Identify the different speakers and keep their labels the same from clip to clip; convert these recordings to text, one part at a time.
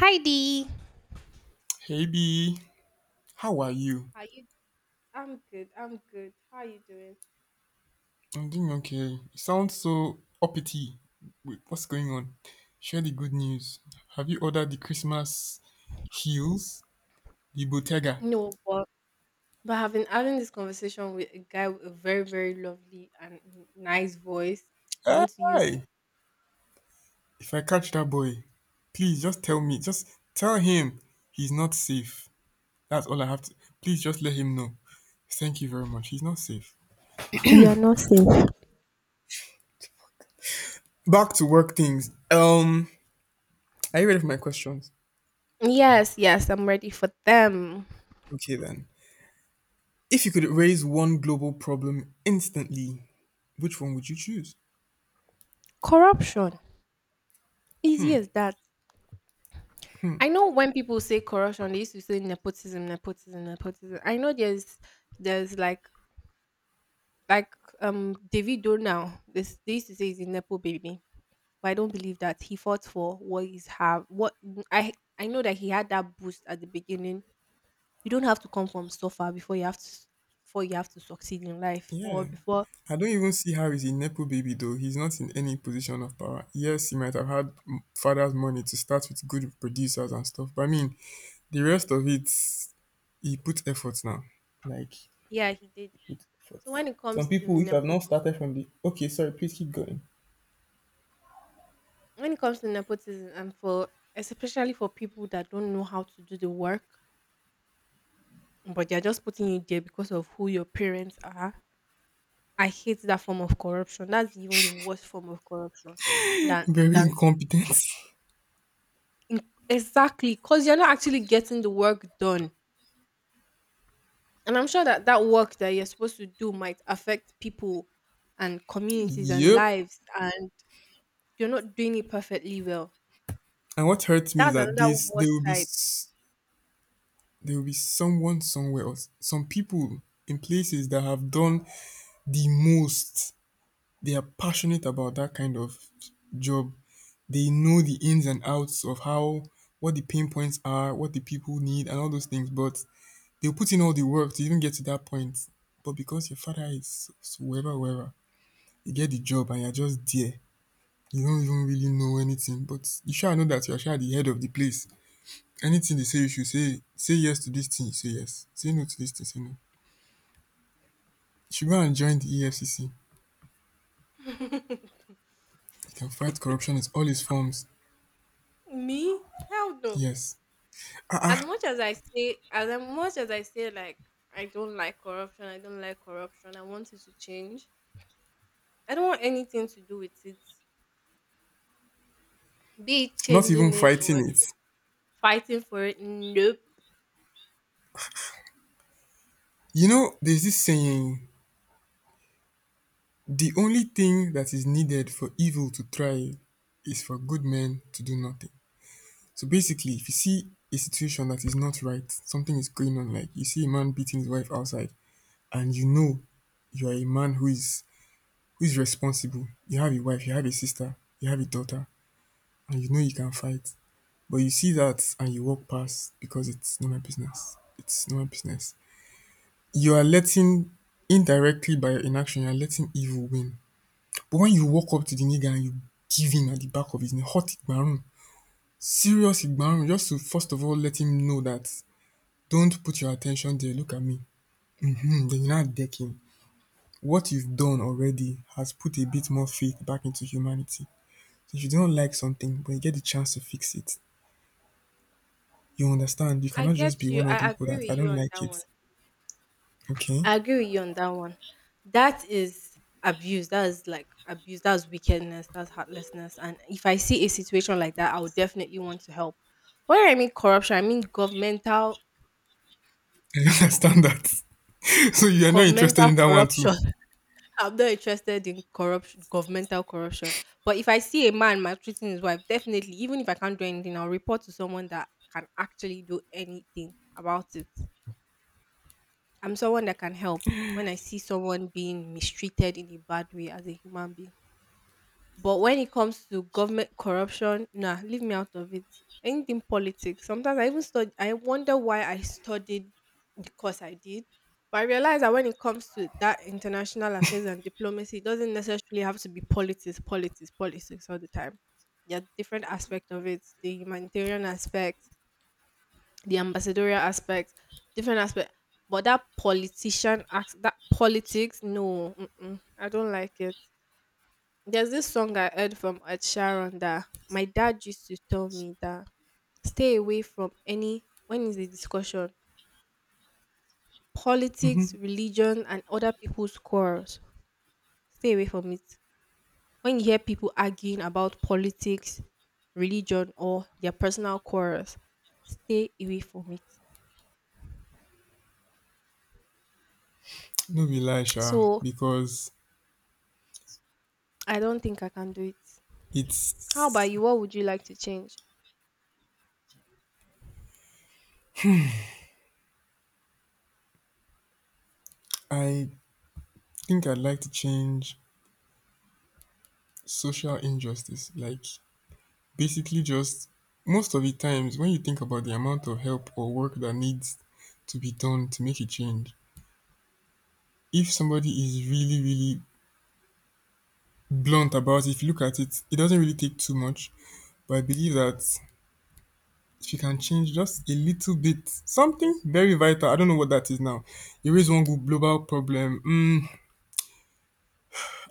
Speaker 1: Hi Dee.
Speaker 2: Hey B, how are you?
Speaker 1: Are you? I'm good. How are you doing?
Speaker 2: I'm doing okay. You sound so uppity. Wait, what's going on? Share the good news. Have you ordered the Christmas heels? The Bottega.
Speaker 1: No, but I've been having this conversation with a guy with a very, very lovely and nice voice. I want to use.
Speaker 2: Hey! If I catch that boy, please just tell me. Just tell him he's not safe. That's all I have to. Please just let him know. Thank you very much. He's not safe.
Speaker 1: You are not safe.
Speaker 2: Back to work things. Are you ready for my questions?
Speaker 1: Yes, yes, I'm ready for them.
Speaker 2: Okay then. If you could raise one global problem instantly, which one would you choose?
Speaker 1: Corruption. Easy as that. I know when people say corruption, they used to say nepotism, nepotism, nepotism. I know there's like Davido now. This they used to say he's a nepo baby. But I don't believe that he fought for what he's have. What I I know that he had that boost at the beginning. You don't have to come from so far before you have to before you have to succeed in life or
Speaker 2: Yeah.
Speaker 1: before.
Speaker 2: I don't even see how he's a Nepo baby though. He's not in any position of power. Yes, he might have had father's money to start with good producers and stuff. But I mean, the rest of it, he put effort now. Like,
Speaker 1: Yeah, he did.
Speaker 2: he put effort.
Speaker 1: So when it
Speaker 2: Some
Speaker 1: comes to
Speaker 2: people which have not
Speaker 1: nepotism,
Speaker 2: started from the. Okay, sorry, please keep going.
Speaker 1: when it comes to nepotism, and for especially for people that don't know how to do the work, but they're just putting you there because of who your parents are. I hate that form of corruption. That's even the worst form of corruption
Speaker 2: Very
Speaker 1: than
Speaker 2: incompetent.
Speaker 1: In Exactly, because you're not actually getting the work done. And I'm sure that that work that you're supposed to do might affect people and communities and
Speaker 2: Yep.
Speaker 1: lives, and you're not doing it perfectly well.
Speaker 2: And what hurts me is
Speaker 1: That's
Speaker 2: that
Speaker 1: another
Speaker 2: this, they
Speaker 1: worst
Speaker 2: will be
Speaker 1: side.
Speaker 2: s- there will be someone somewhere or some people in places that have done the most. They are passionate about that kind of job. They know the ins and outs of how, what the pain points are, what the people need, and all those things. But they'll put in all the work to even get to that point. But because your father is wherever, wherever, you get the job and you're just there. You don't even really know anything. But you sure know that you're sure the head of the place. Anything they say you should say: say yes to this thing, you say yes. Say no to this thing, say no. Should go and join the EFCC. He can fight corruption in all its forms.
Speaker 1: Me? Hell no.
Speaker 2: Yes. Ah, ah,
Speaker 1: As much as I say, like, I don't like corruption, I don't like corruption, I want it to change. I don't want anything to do with it. Be it
Speaker 2: not even
Speaker 1: changing it or
Speaker 2: fighting it.
Speaker 1: fighting for it. Nope.
Speaker 2: You know, there's this saying: the only thing that is needed for evil to thrive is for good men to do nothing. So basically, if you see a situation that is not right, something is going on, like you see a man beating his wife outside, and you know you are a man who is responsible. You have a wife, you have a sister, you have a daughter, and you know you can fight. But you see that and you walk past because it's not my business. It's not my business. You are letting, indirectly by your inaction, you are letting evil win. But when you walk up to the nigga and you give him at the back of his neck, hot igbarun, serious igbarun, just to first of all let him know that, don't put your attention there. Look at me. Hmm. Then you now deck him. What you've done already has put a bit more faith back into humanity. So if you don't like something, but you get the chance to fix it, you understand. You
Speaker 1: I
Speaker 2: cannot just be
Speaker 1: get you.
Speaker 2: one of the
Speaker 1: I
Speaker 2: people that
Speaker 1: agree
Speaker 2: I
Speaker 1: with you
Speaker 2: don't
Speaker 1: on
Speaker 2: like
Speaker 1: that
Speaker 2: it.
Speaker 1: one.
Speaker 2: Okay.
Speaker 1: I agree with you on that one. That is abuse. That is like abuse. That's wickedness. That's heartlessness. And if I see a situation like that, I would definitely want to help. But when I mean corruption, I mean
Speaker 2: I don't understand that. So you are not interested
Speaker 1: governmental
Speaker 2: in that one too.
Speaker 1: corruption. I'm not interested in corruption governmental corruption. But if I see a man maltreating his wife, definitely, even if I can't do anything, I'll report to someone that can actually do anything about it. I'm someone that can help when I see someone being mistreated in a bad way as a human being. But when it comes to government corruption, nah, leave me out of it. Anything politics. Sometimes I even study. I wonder why I studied the course I did. But I realize that when it comes to that international affairs and diplomacy, it doesn't necessarily have to be politics, politics, politics all the time. There are different aspects of it. The humanitarian aspect, the ambassadorial aspect, different aspect. But that politician act, that politics, no, mm-mm, I don't like it. There's this song I heard from Ed Sheeran that my dad used to tell me that stay away from any when is the discussion politics,
Speaker 2: Hmm.
Speaker 1: religion, and other people's quarrels. Stay away from it. When you hear people arguing about politics, religion, or their personal quarrels, stay away from it.
Speaker 2: No be lie, Sha,
Speaker 1: So
Speaker 2: because
Speaker 1: I don't think I can do it. How about
Speaker 2: it's.
Speaker 1: you? What would you like to change?
Speaker 2: I think I'd like to change social injustice. Like basically, just most of the times when you think about the amount of help or work that needs to be done to make a change, if somebody is really, really blunt about it, if you look at it, it doesn't really take too much. But I believe that if you can change just a little bit, something very vital. I don't know what that is now. Erase one global problem. Mm,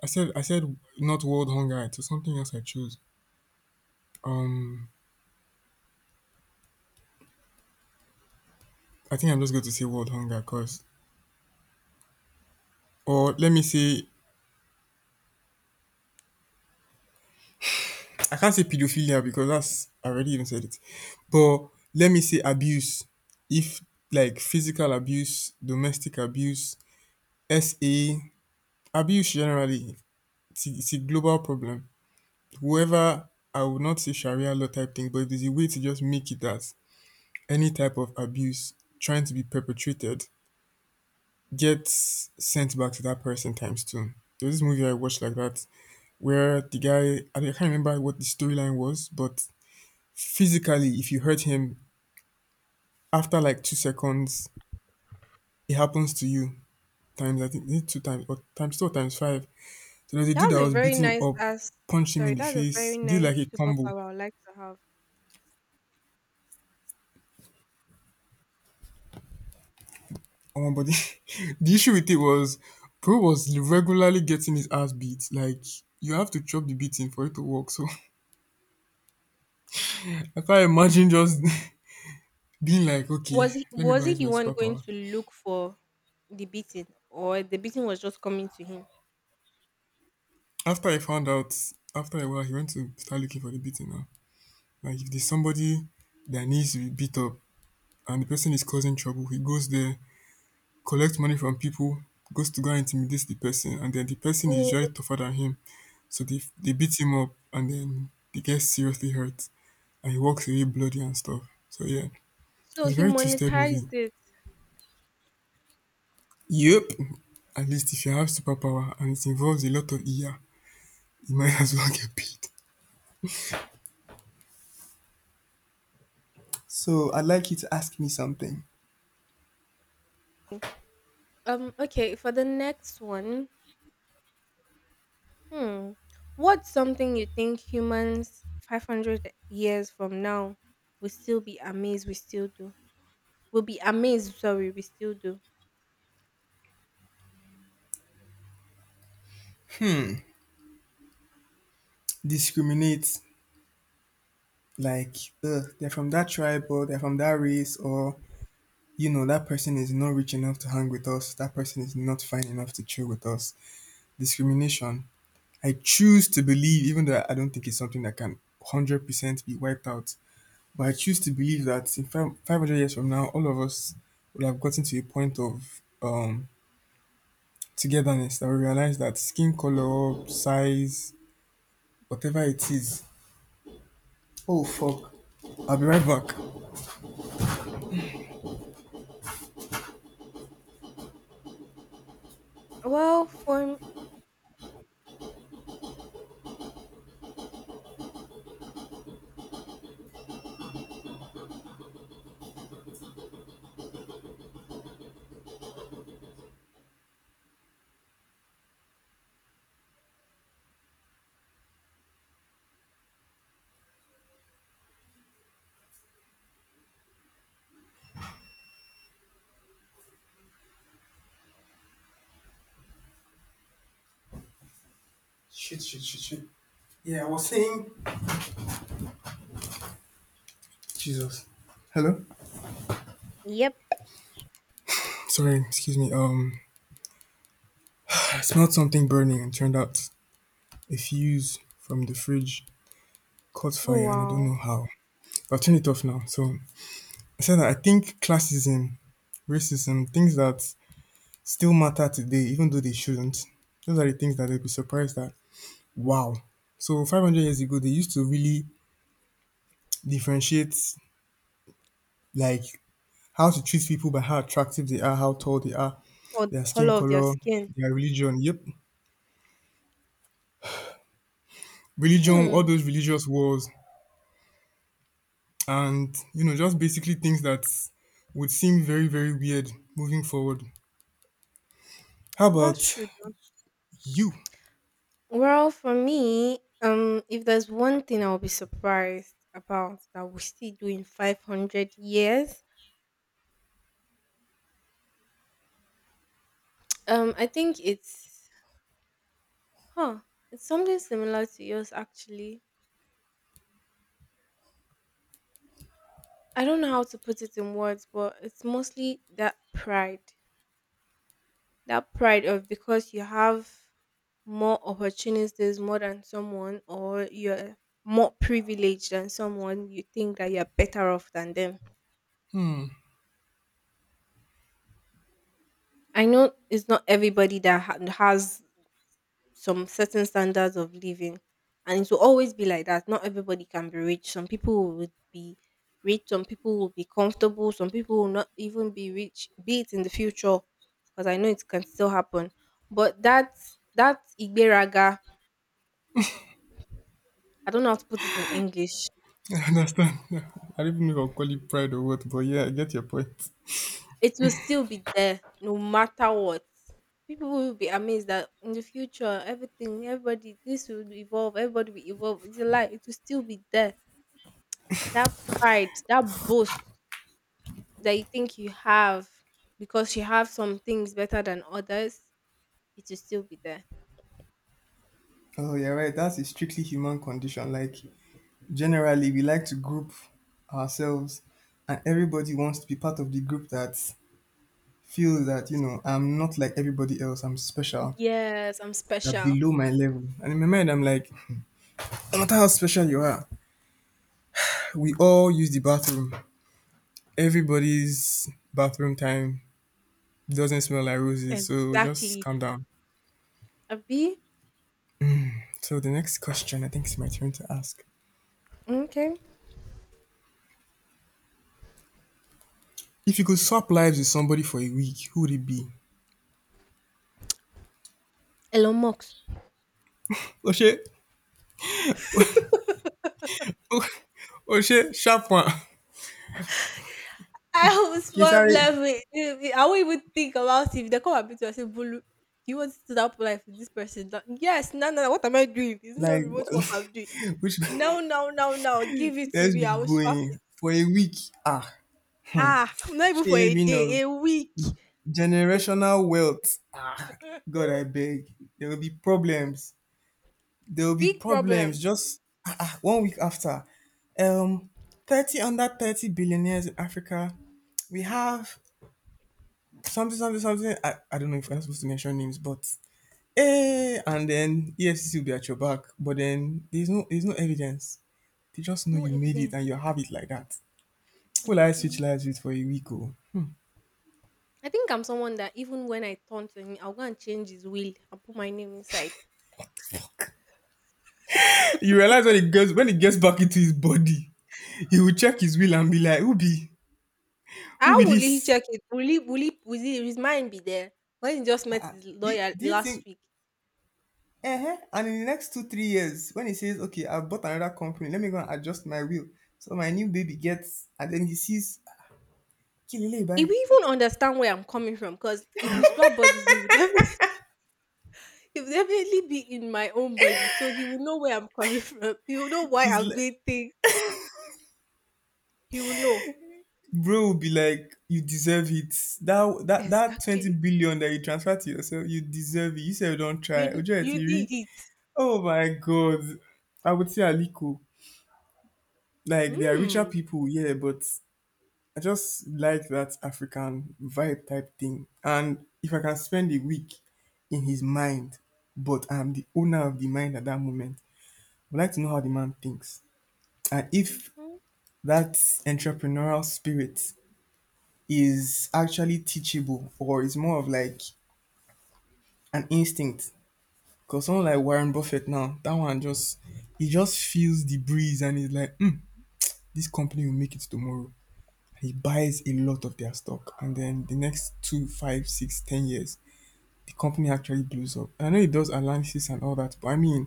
Speaker 2: I said not world hunger. It was something else I chose. Um, I think I'm just going to say world hunger, cause, or let me say, I can't say pedophilia because that's I already even said it. But let me say abuse. If like physical abuse, domestic abuse, SA, abuse generally, it's a global problem. Whoever. I would not say Sharia law type thing, but if there's a way to just make it that any type of abuse trying to be perpetrated gets sent back to that person times two. There's this movie I watched like that where the guy, I can't remember what the storyline was, but physically if you hurt him after like 2 seconds, it happens to you times, I think, is it two times or times two or times five. So there's a dude
Speaker 1: That's
Speaker 2: that
Speaker 1: a
Speaker 2: was
Speaker 1: very
Speaker 2: beating him
Speaker 1: nice
Speaker 2: up,
Speaker 1: ass.
Speaker 2: punched him
Speaker 1: Sorry,
Speaker 2: in the
Speaker 1: that's a
Speaker 2: face,
Speaker 1: very
Speaker 2: did
Speaker 1: nice
Speaker 2: like a combo.
Speaker 1: superpower I'd like to have.
Speaker 2: Omo, but the the issue with it was, Pro was regularly getting his ass beat. Like, you have to chop the beating for it to work. So I can't imagine just being like,
Speaker 1: Was
Speaker 2: okay,
Speaker 1: he
Speaker 2: let me go
Speaker 1: was
Speaker 2: and
Speaker 1: he
Speaker 2: use
Speaker 1: the
Speaker 2: my
Speaker 1: one going
Speaker 2: superpower.
Speaker 1: to look for the beating, or the beating was just coming to him?
Speaker 2: After I found out, after a while, he went to start looking for the beating now. Like if there's somebody that needs to be beat up and the person is causing trouble, he goes there, collects money from people, goes to go and intimidate the person, and then the person is
Speaker 1: Oh,
Speaker 2: usually tougher than him. So they beat him up and then they get seriously hurt, and he walks away bloody and stuff. So yeah,
Speaker 1: so
Speaker 2: it's a
Speaker 1: he
Speaker 2: very twisted movie.
Speaker 1: monetized it.
Speaker 2: Yep. At least if you have superpower and it involves a lot of ear, you might as well get paid. So I'd like you to ask me something.
Speaker 1: Okay. For the next one, hmm, what's something you think humans 500 years from now will still be amazed we still do? We'll be amazed, sorry, we still do.
Speaker 2: Hmm. Discriminate, like they're from that tribe or they're from that race, or you know, that person is not rich enough to hang with us. That person is not fine enough to chill with us. Discrimination. I choose to believe, even though I don't think it's something that can 100% be wiped out, but I choose to believe that in five, 500 years from now, all of us would have gotten to a point of togetherness that we realize that skin color, size, whatever it is. Oh, fuck. I'll be right back.
Speaker 1: Well, for
Speaker 2: Shit, shit, shit, shit. Yeah, I was saying. Jesus. Hello?
Speaker 1: Yep.
Speaker 2: Sorry, excuse me. I smelled something burning and turned out a fuse from the fridge caught fire
Speaker 1: Oh
Speaker 2: and I don't
Speaker 1: wow.
Speaker 2: know how. I've turned it off now. So I said that I think classism, racism, things that still matter today, even though they shouldn't. Those are the things that they'll be surprised at. Wow. So 500 years ago, they used to really differentiate, like, how to treat people by how attractive they are, how tall they are,
Speaker 1: Or the
Speaker 2: their
Speaker 1: color
Speaker 2: skin
Speaker 1: of their
Speaker 2: color,
Speaker 1: skin.
Speaker 2: their religion. Yep. Religion, all
Speaker 1: Hmm.
Speaker 2: those religious wars, and you know, just basically things that would seem very, very weird moving forward. How
Speaker 1: That's
Speaker 2: about
Speaker 1: true though.
Speaker 2: you?
Speaker 1: Well, for me, if there's one thing I'll be surprised about that we still do in 500 years, I think it's huh. It's something similar to yours actually. I don't know how to put it in words, but it's mostly that pride. That pride of because you have more opportunities more than someone or you're more privileged than someone you think that you're better off than them. I know it's not everybody that has some certain standards of living, and it will always be like that. Not everybody can be rich. Some people would be rich, some people will be comfortable, some people will not even be rich, be it in the future, because I know it can still happen. But that igberaga, I don't know how to put it in English.
Speaker 2: I understand. I don't even know if I'll call it pride or what, but yeah, I get your point.
Speaker 1: It will still be there no matter what. People will be amazed that in the future, everything, everybody, this will evolve, everybody will evolve. It's a lie. It will still be there. That pride, that boast that you think you have because you have some things better than others, it will still be there.
Speaker 2: Oh, you're right. That's a strictly human condition. Like, generally, we like to group ourselves, and everybody wants to be part of the group that feels that, you know, I'm not like everybody else, I'm special.
Speaker 1: Yes, I'm
Speaker 2: They're
Speaker 1: special.
Speaker 2: below my level. And in my mind, I'm like, no matter how special you are, we all use the bathroom. Everybody's bathroom time doesn't smell like roses, so just
Speaker 1: Exactly.
Speaker 2: calm down.
Speaker 1: Abi?
Speaker 2: So, the next question, I think it's my turn to ask.
Speaker 1: Okay.
Speaker 2: If you could swap lives with somebody for a week, who would it be?
Speaker 1: Elon Musk.
Speaker 2: Oh, shit. Oh, oh shit, sharp one.
Speaker 1: I was
Speaker 2: Kí n,
Speaker 1: one level. I won't even think about it. If they come and beat you and say, Bolu, do you want to do that polite with this person? That, yes, no, no, no. What am I doing? It's not
Speaker 2: like,
Speaker 1: remote work I'm doing.
Speaker 2: which,
Speaker 1: No,
Speaker 2: let's
Speaker 1: no, no, no. Give it to me. I
Speaker 2: be
Speaker 1: will swap
Speaker 2: going
Speaker 1: it.
Speaker 2: for a week. ah
Speaker 1: Ah, not even for
Speaker 2: shit,
Speaker 1: a
Speaker 2: you know,
Speaker 1: day, a week.
Speaker 2: generational wealth. God, I beg, there will be problems. There will be
Speaker 1: Big
Speaker 2: problems.
Speaker 1: problems.
Speaker 2: Just one week after, um 30 under 30 billionaires in Africa. We have something something something. I don't know if I'm supposed to mention names, but and then EFCC will be at your back. But then there's no evidence. They just know
Speaker 1: No
Speaker 2: you made it
Speaker 1: evidence.
Speaker 2: and you have it like that. Well, I switch
Speaker 1: Abi.
Speaker 2: lives with for a week. Oh.
Speaker 1: I think I'm someone that even when I turn to him, I'll go and change his will and put my name inside.
Speaker 2: You realize when it gets back into his body, he will check his will and be like, who be
Speaker 1: How will he
Speaker 2: this?"
Speaker 1: check it? Will he, his mind be there? When he just met
Speaker 2: Uh,
Speaker 1: his
Speaker 2: do,
Speaker 1: lawyer
Speaker 2: do you
Speaker 1: last
Speaker 2: think?
Speaker 1: week,
Speaker 2: Uh-huh. And in the next 2-3 years, when he says, "Okay, I bought another company. Let me go and adjust my will," so my new baby gets, and then he sees, "Kilele,
Speaker 1: he
Speaker 2: bye."
Speaker 1: will even understand where I'm coming from because if we swap bodies, he would definitely, he would definitely be in my own body. So he will know where I'm coming from. He will know why
Speaker 2: He's
Speaker 1: I'm
Speaker 2: like,
Speaker 1: doing things. He will know
Speaker 2: bro will be like, "You deserve it. That twenty
Speaker 1: exactly.
Speaker 2: billion that you transfer to yourself, you deserve it. You said you don't try. Ojo
Speaker 1: You
Speaker 2: etiri,
Speaker 1: did it.
Speaker 2: oh my god. I would say Aliko. Like, they are richer
Speaker 1: Mm.
Speaker 2: people, yeah, but I just like that African vibe type thing. And if I can spend a week in his mind, but I'm the owner of the mind at that moment, I would like to know how the man thinks. And if
Speaker 1: Hmm.
Speaker 2: that entrepreneurial spirit is actually teachable or is more of like an instinct. Because someone like Warren Buffett now, that one just he just feels the breeze, and he's like, this company will make it tomorrow. He buys a lot of their stock, and then the next two five six ten years the company actually blows up. And I know it does analysis and all that, but I mean,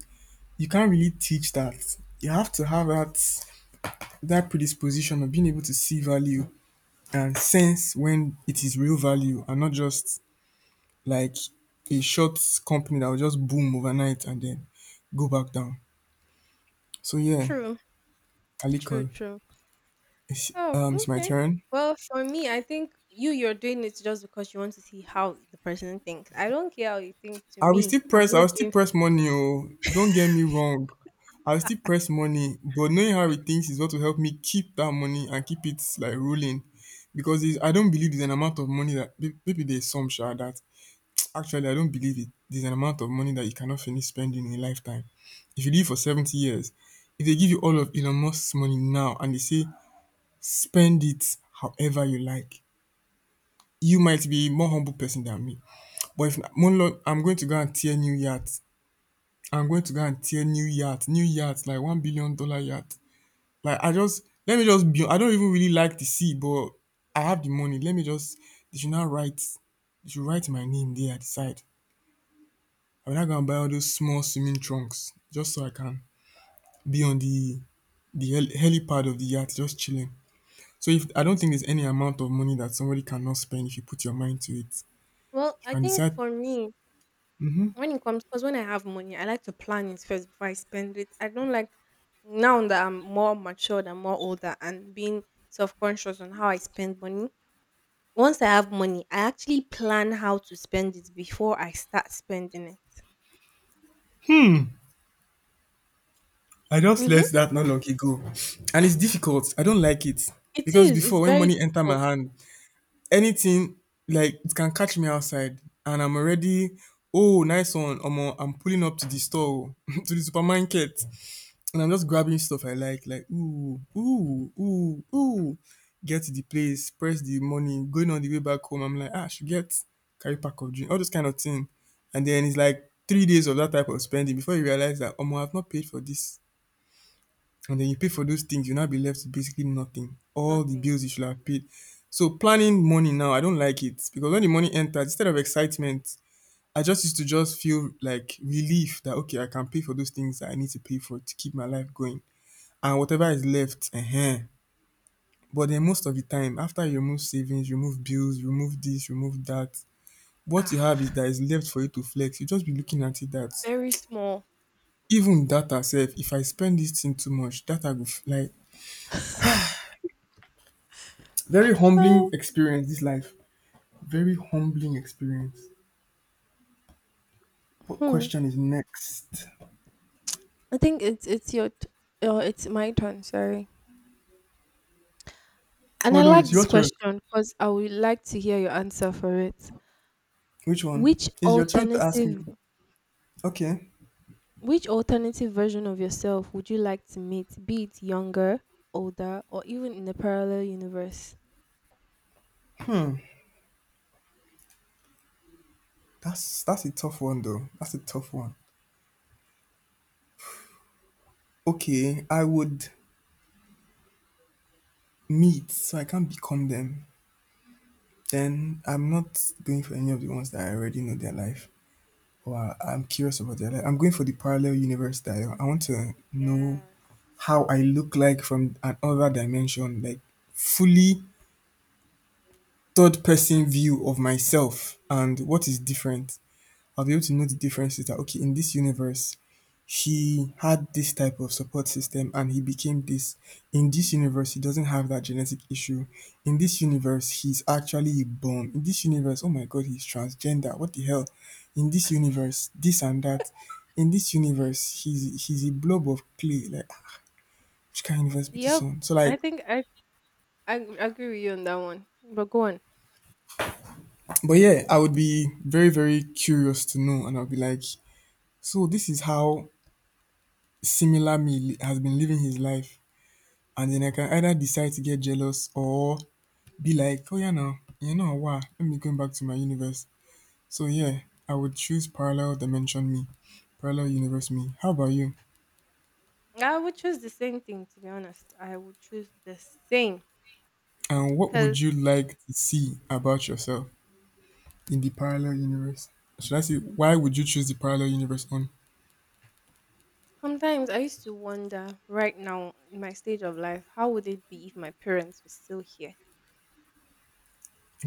Speaker 2: you can't really teach that. You have to have that predisposition of being able to see value and sense when it is real value and not just like a short company that will just boom overnight and then go back down. So yeah,
Speaker 1: True.
Speaker 2: aliko.
Speaker 1: True.
Speaker 2: it's
Speaker 1: Oh,
Speaker 2: um it's my
Speaker 1: okay.
Speaker 2: turn.
Speaker 1: Well, for me, I think you're doing it just because you want to see how the person thinks. I don't care how you think. To
Speaker 2: I will still
Speaker 1: me, I'm
Speaker 2: press I will
Speaker 1: not
Speaker 2: still
Speaker 1: doing.
Speaker 2: press money, oh, don't get me wrong. I will still press money, but knowing how it thinks is what will help me keep that money and keep it like rolling. Because it's, I don't believe there's an amount of money that maybe there's some sure that actually I don't believe it. There's an amount of money that you cannot finish spending in a lifetime. If you live for 70 years, if they give you all of Elon Musk's money now, and they say spend it however you like, you might be a more humble person than me. But if Monlo, I'm going to go and tear new yachts. I'm going to go and tear new yacht, like $1 billion yacht. Like I just, let me just be. I don't even really like the sea, but I have the money. Let me just. They should now write. They should write my name there at the side. I'm not gonna buy all those small swimming trunks just so I can be on the the hel- helipad of the yacht, just chilling. So if, I don't think there's any amount of money that somebody cannot spend if you put your mind to it.
Speaker 1: Well,
Speaker 2: You
Speaker 1: I
Speaker 2: can
Speaker 1: think
Speaker 2: decide.
Speaker 1: for me, when it comes, because when I have money, I like to plan it first before I spend it. I don't like now that I'm more matured and more older and being self conscious on how I spend money. Once I have money, I actually plan how to spend it before I start spending it.
Speaker 2: I just let
Speaker 1: Mm-hmm.
Speaker 2: that not long ago, and it's difficult. I don't like it,
Speaker 1: It
Speaker 2: because
Speaker 1: is.
Speaker 2: before,
Speaker 1: It's
Speaker 2: when
Speaker 1: very
Speaker 2: money enter my
Speaker 1: difficult.
Speaker 2: hand, anything, like it can catch me outside, and I'm already, oh, nice one. Omo, I'm pulling up to the store, oh, to the supermarket, and I'm just grabbing stuff I like ooh, ooh, ooh, ooh. Get to the place, press the money, going on the way back home, I'm like, ah, I should get carry pack of drink, all those kind of thing. And then it's like 3 days of that type of spending before you realize that, omo, I've not paid for this, and then you pay for those things, you'll now be left with basically nothing. All the
Speaker 1: Nothing.
Speaker 2: bills you should have paid. So planning money now, I don't like it, because when the money enters, instead of excitement, I just used to just feel like relief that, okay, I can pay for those things that I need to pay for to keep my life going, and whatever is left, But then most of the time, after you remove savings, remove bills, remove this, remove that, what you have is
Speaker 1: Ah,
Speaker 2: that is left for you to flex. You just be looking at it that
Speaker 1: very small.
Speaker 2: even data self, if I spend this thing too much, data go f- like. Very humbling
Speaker 1: Oh,
Speaker 2: experience, this life. Very humbling experience. What
Speaker 1: hmm.
Speaker 2: question is next?
Speaker 1: I think oh, it's my turn. Sorry. And
Speaker 2: Oh
Speaker 1: I
Speaker 2: no,
Speaker 1: like
Speaker 2: it's your
Speaker 1: this
Speaker 2: turn.
Speaker 1: question because I would like to hear your answer for it.
Speaker 2: Which one?
Speaker 1: Which
Speaker 2: It's your turn to ask me.
Speaker 1: alternative
Speaker 2: Okay.
Speaker 1: which alternative version of yourself would you like to meet, be it younger, older, or even in a parallel universe?
Speaker 2: That's a tough one though. That's a tough one. Okay, I would meet, so I can't become them. Then I'm not going for any of the ones that I already know their life. Or I'm curious about their life. I'm going for the parallel universe style. I want to know
Speaker 1: Yes.
Speaker 2: how I look like from another dimension, like fully third person view of myself. And what is different, I'll be able to know the differences. That okay, in this universe, he had this type of support system and he became this. In this universe, he doesn't have that genetic issue. In this universe, he's actually a bum. In this universe, oh my god, he's transgender. What the hell? In this universe, this and that. In this universe, he's a blob of clay. Like ah, which kind of universe be this
Speaker 1: Yep.
Speaker 2: one? So
Speaker 1: I
Speaker 2: like,
Speaker 1: think I, I agree with you on that one. But go on.
Speaker 2: but yeah, I would be very very curious to know, and I'll be like, so this is how similar me has been living his life. And then I can either decide to get jealous or be like, oh yeah now, you know what? Let me go back to my universe. So yeah, I would choose parallel dimension me. Parallel universe me. How about you?
Speaker 1: I would choose the same thing to be honest. I would choose the same.
Speaker 2: And what
Speaker 1: Because
Speaker 2: would you like to see about yourself in the parallel universe? Should I say, why would you choose the parallel universe on?
Speaker 1: sometimes I used to wonder, right now in my stage of life, how would it be if my parents were still here?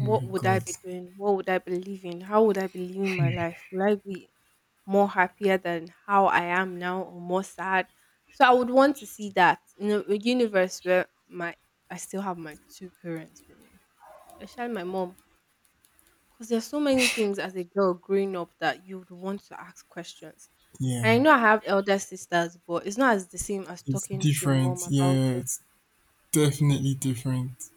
Speaker 2: Oh my
Speaker 1: would I
Speaker 2: god.
Speaker 1: be doing? What would I be living? How would I be living my life? Would I be more happier than how I am now or more sad? So I would want to see that in a universe where my I still have my two parents with me, especially my mom. Because there's so many things as a girl growing up that you would want to ask questions. And
Speaker 2: Yeah.
Speaker 1: I know I have elder sisters, but it's not as the same as
Speaker 2: It's
Speaker 1: talking to your mom
Speaker 2: different.
Speaker 1: about
Speaker 2: Yeah,
Speaker 1: it.
Speaker 2: it's definitely different.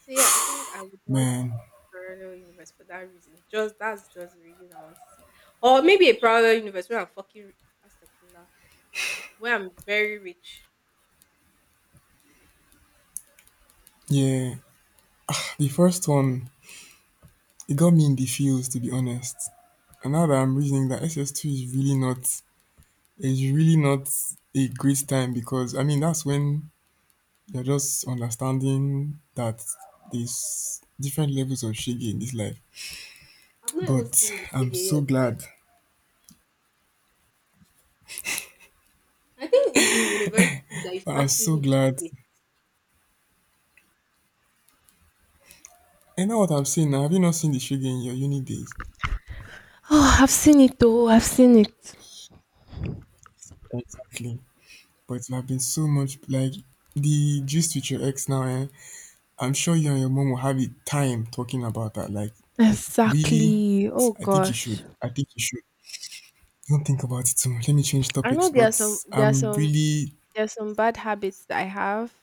Speaker 1: So yeah, I think I would want
Speaker 2: Man.
Speaker 1: a parallel universe for that reason. Just that's just the reason I want to see. Or maybe a parallel universe where I'm fucking Astagfirullah. Where I'm very rich.
Speaker 2: Yeah. The first one, it got me in the feels, to be honest. And now that I'm reasoning that SS2 is really not a great time, because I mean that's when you're just understanding that there's different levels of shege in this life.
Speaker 1: I've not even
Speaker 2: But
Speaker 1: seen the
Speaker 2: I'm
Speaker 1: Shige
Speaker 2: so
Speaker 1: yet. Sef.
Speaker 2: glad.
Speaker 1: I think it's in university that you
Speaker 2: I'm
Speaker 1: start
Speaker 2: so
Speaker 1: seeing the
Speaker 2: glad.
Speaker 1: Shige.
Speaker 2: And now what I'm saying now, have you not seen the shege in your uni days?
Speaker 1: Oh, I've seen it though. I've seen it.
Speaker 2: Exactly. But you have been so much, like the gist with your ex now, eh? I'm sure you and your mom will have a time talking about that. Like, really?
Speaker 1: Exactly. Oh
Speaker 2: I think you should.
Speaker 1: gosh.
Speaker 2: I think you should. Don't think about it too much. Let me change
Speaker 1: I know
Speaker 2: topics,
Speaker 1: there are
Speaker 2: but
Speaker 1: some there are
Speaker 2: I'm
Speaker 1: some
Speaker 2: really.
Speaker 1: there are some bad habits that I have.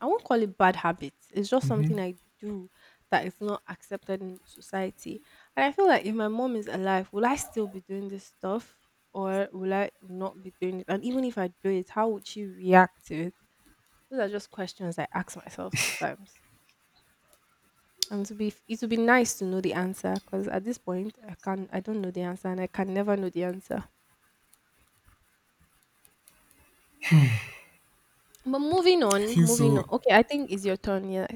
Speaker 1: I won't call it bad habits. It's just
Speaker 2: hmm
Speaker 1: something I do that is not accepted in society. And I feel like if my mom is alive, will I still be doing this stuff or will I not be doing it? And even if I do it, how would she react to it? Those are just questions I ask myself sometimes. And to be it would be nice to know the answer because at this point I don't know the answer and I can never know the answer. But moving
Speaker 2: I
Speaker 1: on,
Speaker 2: feel
Speaker 1: moving
Speaker 2: so.
Speaker 1: on. Okay, I think it's your turn. Yeah.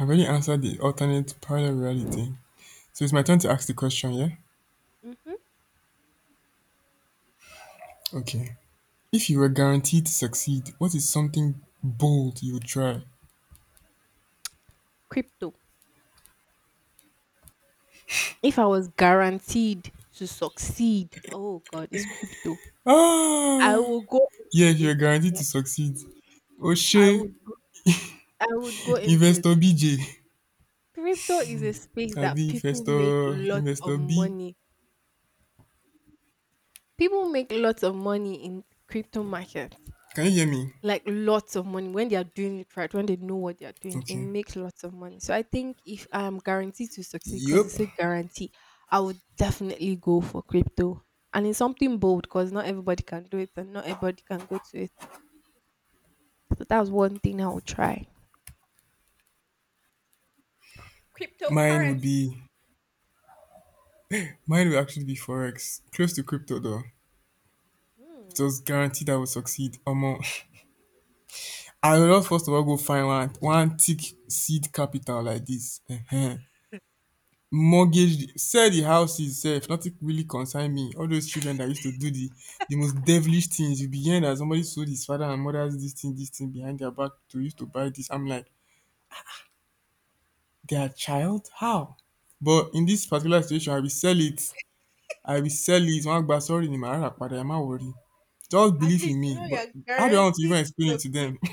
Speaker 2: I've already answered the alternate parallel reality. So it's my turn to ask the question, yeah?
Speaker 1: Mhm.
Speaker 2: Okay. If you were guaranteed to succeed, what is something bold you would try?
Speaker 1: Crypto. If I was guaranteed to succeed, oh god, it's crypto. I
Speaker 2: Ah!
Speaker 1: will go
Speaker 2: Yeah, if
Speaker 1: into
Speaker 2: you were
Speaker 1: it.
Speaker 2: guaranteed to
Speaker 1: Like,
Speaker 2: succeed.
Speaker 1: I
Speaker 2: Oshe,
Speaker 1: would go, I would go into it.
Speaker 2: Investor BJ.
Speaker 1: Crypto is a space that
Speaker 2: Abi,
Speaker 1: people make
Speaker 2: Investor,
Speaker 1: lots
Speaker 2: Investor
Speaker 1: of
Speaker 2: B.
Speaker 1: money. People make lots of money in crypto market.
Speaker 2: Can you hear me?
Speaker 1: Like lots of money when they are doing it right, when they know what they are doing, they
Speaker 2: Okay.
Speaker 1: make lots of money. So I think if I am guaranteed to succeed, because
Speaker 2: Yup.
Speaker 1: it's a guarantee, I would definitely go for crypto. And it's something bold because not everybody can do it and not everybody can go to it. So that's one thing I would try.
Speaker 2: Mine would
Speaker 1: Cryptocurrency.
Speaker 2: be. Mine will actually be forex, close to crypto though. It
Speaker 1: Hmm.
Speaker 2: was guaranteed I would succeed. Omo, I will not, first of all, go find one one thick seed capital like this. Ehen. Mortgage, sell the house itself. Nothing really concern me. All those children that used to do the most devilish things. You be hearing that somebody sold his father and mother's this thing behind their back to used to buy this. I'm like, their child? How? But in this particular situation, I will sell it. I resell it, wọ́n á gba sorry ni màá rà padà, ẹ má worry. Just
Speaker 1: At
Speaker 2: believe in
Speaker 1: least you
Speaker 2: me.
Speaker 1: know
Speaker 2: But
Speaker 1: you're
Speaker 2: how do I want to
Speaker 1: guaranteed
Speaker 2: even explain
Speaker 1: to
Speaker 2: it to
Speaker 1: succeed.
Speaker 2: them?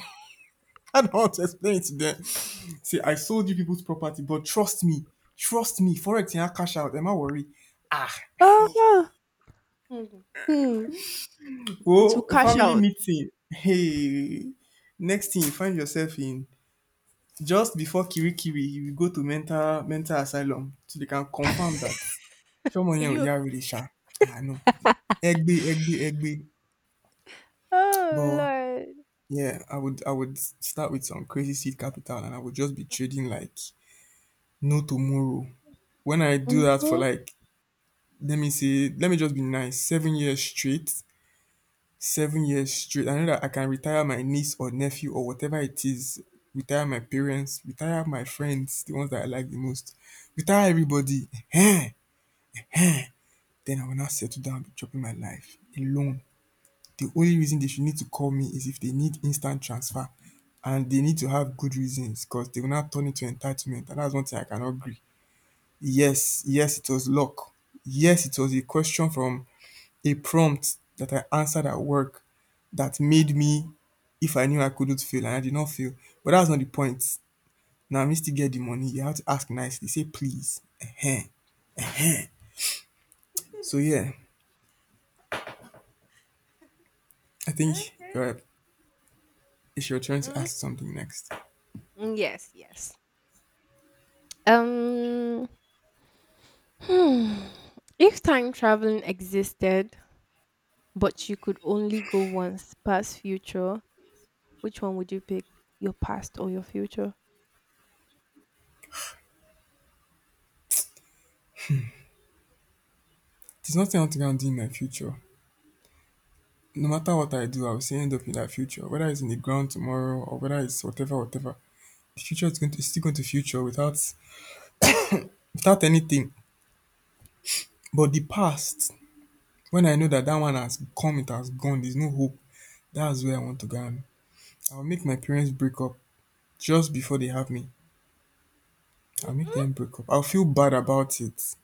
Speaker 2: How do I want to explain it to them? Say I sold you people's property, but trust me, trust me, forex yẹn á cash out, ẹ má worry. Ah!
Speaker 1: Oh, huh. Hmm. Hmm. To
Speaker 2: Wo
Speaker 1: cash
Speaker 2: family
Speaker 1: out.
Speaker 2: meeting, hey! Next thing you find yourself in, just before kirikiri you go to mental asylum, so they can confirm that ṣọ́mọ
Speaker 1: Are
Speaker 2: yẹn ò
Speaker 1: you okay?
Speaker 2: yá wèrè ṣá? Ah no. Ẹ gbe, ẹ gbe, ẹ gbe, but
Speaker 1: Oh,
Speaker 2: yeah, I would start with some crazy seed capital, and I would just be trading like no tomorrow. When I do
Speaker 1: Lord.
Speaker 2: that for
Speaker 1: Mm-hmm.
Speaker 2: like, let me say, let me just be nice, 7 years straight. 7 years straight. I know that I can retire my niece or nephew or whatever it is, retire my parents, retire my friends, the ones that I like the most, retire everybody. Then I will not settle down, be chopping my life alone. The only reason they should need to call me is if they need instant transfer, and they need to have good reasons, because they will not turn it to entitlement. And that's one thing I cannot agree. Yes, yes, it was luck. Yes, it was a question from a prompt that I answered at work that made me, if I knew I couldn't fail, and I did not fail. But that's not the point. Now, me still get the money. You have to ask nicely. Say please. Ehen, ehen. So
Speaker 1: You
Speaker 2: yeah, I think
Speaker 1: Eh?
Speaker 2: uh, it's your turn to
Speaker 1: Mm,
Speaker 2: ask something next.
Speaker 1: mm, yes, yes. Um, hmm. If time traveling existed, but you could only go once, past, future, which one would you pick? Your past or your future?
Speaker 2: There's nothing I want to go and do in my future. No matter what I do, I will still end up in that future, whether it's in the ground tomorrow or whether it's whatever, whatever. The future is going to is still going to future without anything. But the past, when I know that that one has come, it has gone. There's no hope. That's where I want to go. And I'll make my parents break up just before they have me. I'll make
Speaker 1: Mm-mm.
Speaker 2: them break up. I'll feel bad about it.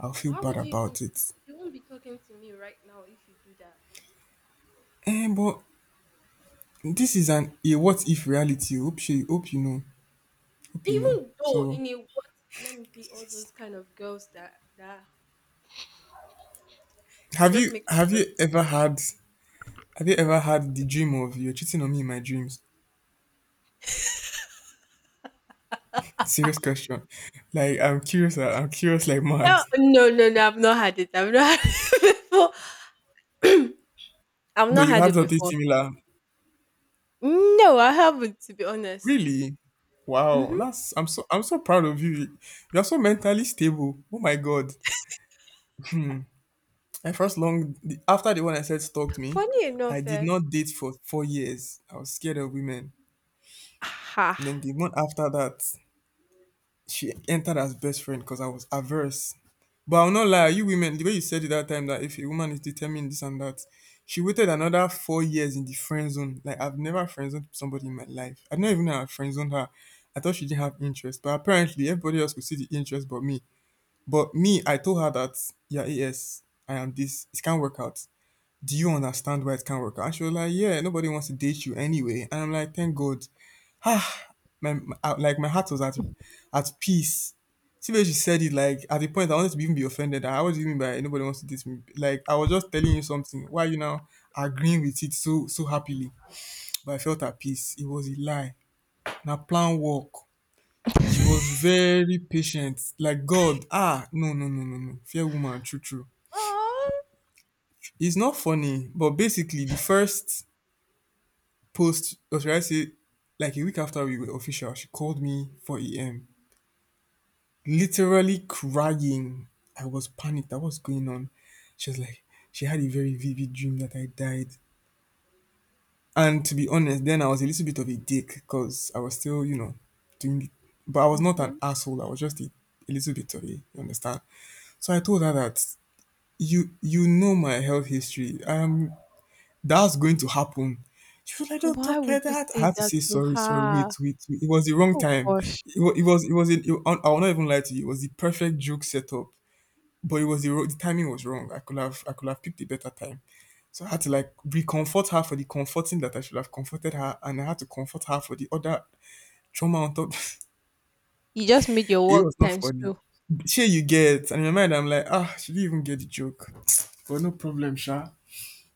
Speaker 2: I'll feel
Speaker 1: Why
Speaker 2: bad
Speaker 1: would you even?
Speaker 2: about it.
Speaker 1: You won't be talking to me right now if you do that.
Speaker 2: And but this is an a what if reality. Hope you know. Hope you know.
Speaker 1: Even though
Speaker 2: So
Speaker 1: in a what, let me be all those kind of girls that that just make.
Speaker 2: have you ever had. The dream of you're cheating on me in my dreams? Serious question. Like I'm curious. I'm curious like
Speaker 1: No,
Speaker 2: mad.
Speaker 1: no, no, no, I've not had it. I've not had it before. I've
Speaker 2: But
Speaker 1: not
Speaker 2: you
Speaker 1: had
Speaker 2: had
Speaker 1: it
Speaker 2: something
Speaker 1: before.
Speaker 2: similar.
Speaker 1: No, I haven't, to be honest.
Speaker 2: Really? Wow.
Speaker 1: Hmm.
Speaker 2: That's I'm so proud of you. You're so mentally stable. Oh my god. My first long after the one I said stalked me,
Speaker 1: Funny
Speaker 2: I
Speaker 1: enough,
Speaker 2: did
Speaker 1: eh?
Speaker 2: not date for 4 years. I was scared of women.
Speaker 1: Ha.
Speaker 2: And then the one after that, she entered as best friend because I was averse. But I'll not lie, you women, the way you said it that time that if a woman is determined this and that, she waited another 4 years in the friend zone. Like I've never friend zoned somebody in my life. I don't even know how I friend zoned her. I thought she didn't have interest, but apparently everybody else could see the interest but me. But me, I told her that yeah, yes, I am this. It can't work out. Do you understand why it can't work out? And she was like, yeah, nobody wants to date you anyway. And I'm like, thank God my like my heart was at peace. See where she said it like at the point I wanted to even be offended. I was even by nobody wants to date me. Like I was just telling you something. Why you now agreeing with it so happily? But I felt at peace. It was a lie. Now plan work. She was very patient. Like God. Ah, no, no, no, no, no. Fair woman, true true.
Speaker 1: Oh.
Speaker 2: It's not funny, but basically the first post, or should I say like a week after we were official, she called me for EM. Literally crying. I was panicked at what's going on. She was like, she had a very vivid dream that I died. And to be honest, then I was a little bit of a dick because I was still, you know, doing, but I was not an
Speaker 1: Hmm.
Speaker 2: asshole. I was just a little bit of a, you understand? So I told her that you know my health history. That's going to happen. She was like, "Don't
Speaker 1: Why
Speaker 2: talk
Speaker 1: would
Speaker 2: like
Speaker 1: you
Speaker 2: that." I
Speaker 1: say
Speaker 2: had to
Speaker 1: that
Speaker 2: say
Speaker 1: to
Speaker 2: sorry, sorry. Wait,
Speaker 1: her?
Speaker 2: wait, wait. It was the wrong
Speaker 1: Oh
Speaker 2: time.
Speaker 1: gosh.
Speaker 2: It was I will not even lie to you. It was the perfect joke setup, but it was the, the timing was wrong. I could have picked a better time. So I had to like reconfort her for the comforting that I should have comforted her, and I had to comfort her for the other trauma on top.
Speaker 1: You just made your
Speaker 2: it
Speaker 1: work
Speaker 2: was not
Speaker 1: times
Speaker 2: funny.
Speaker 1: two.
Speaker 2: Sure, you get, and in my mind, I'm like, ah, she didn't even get the joke. But no problem, Sha.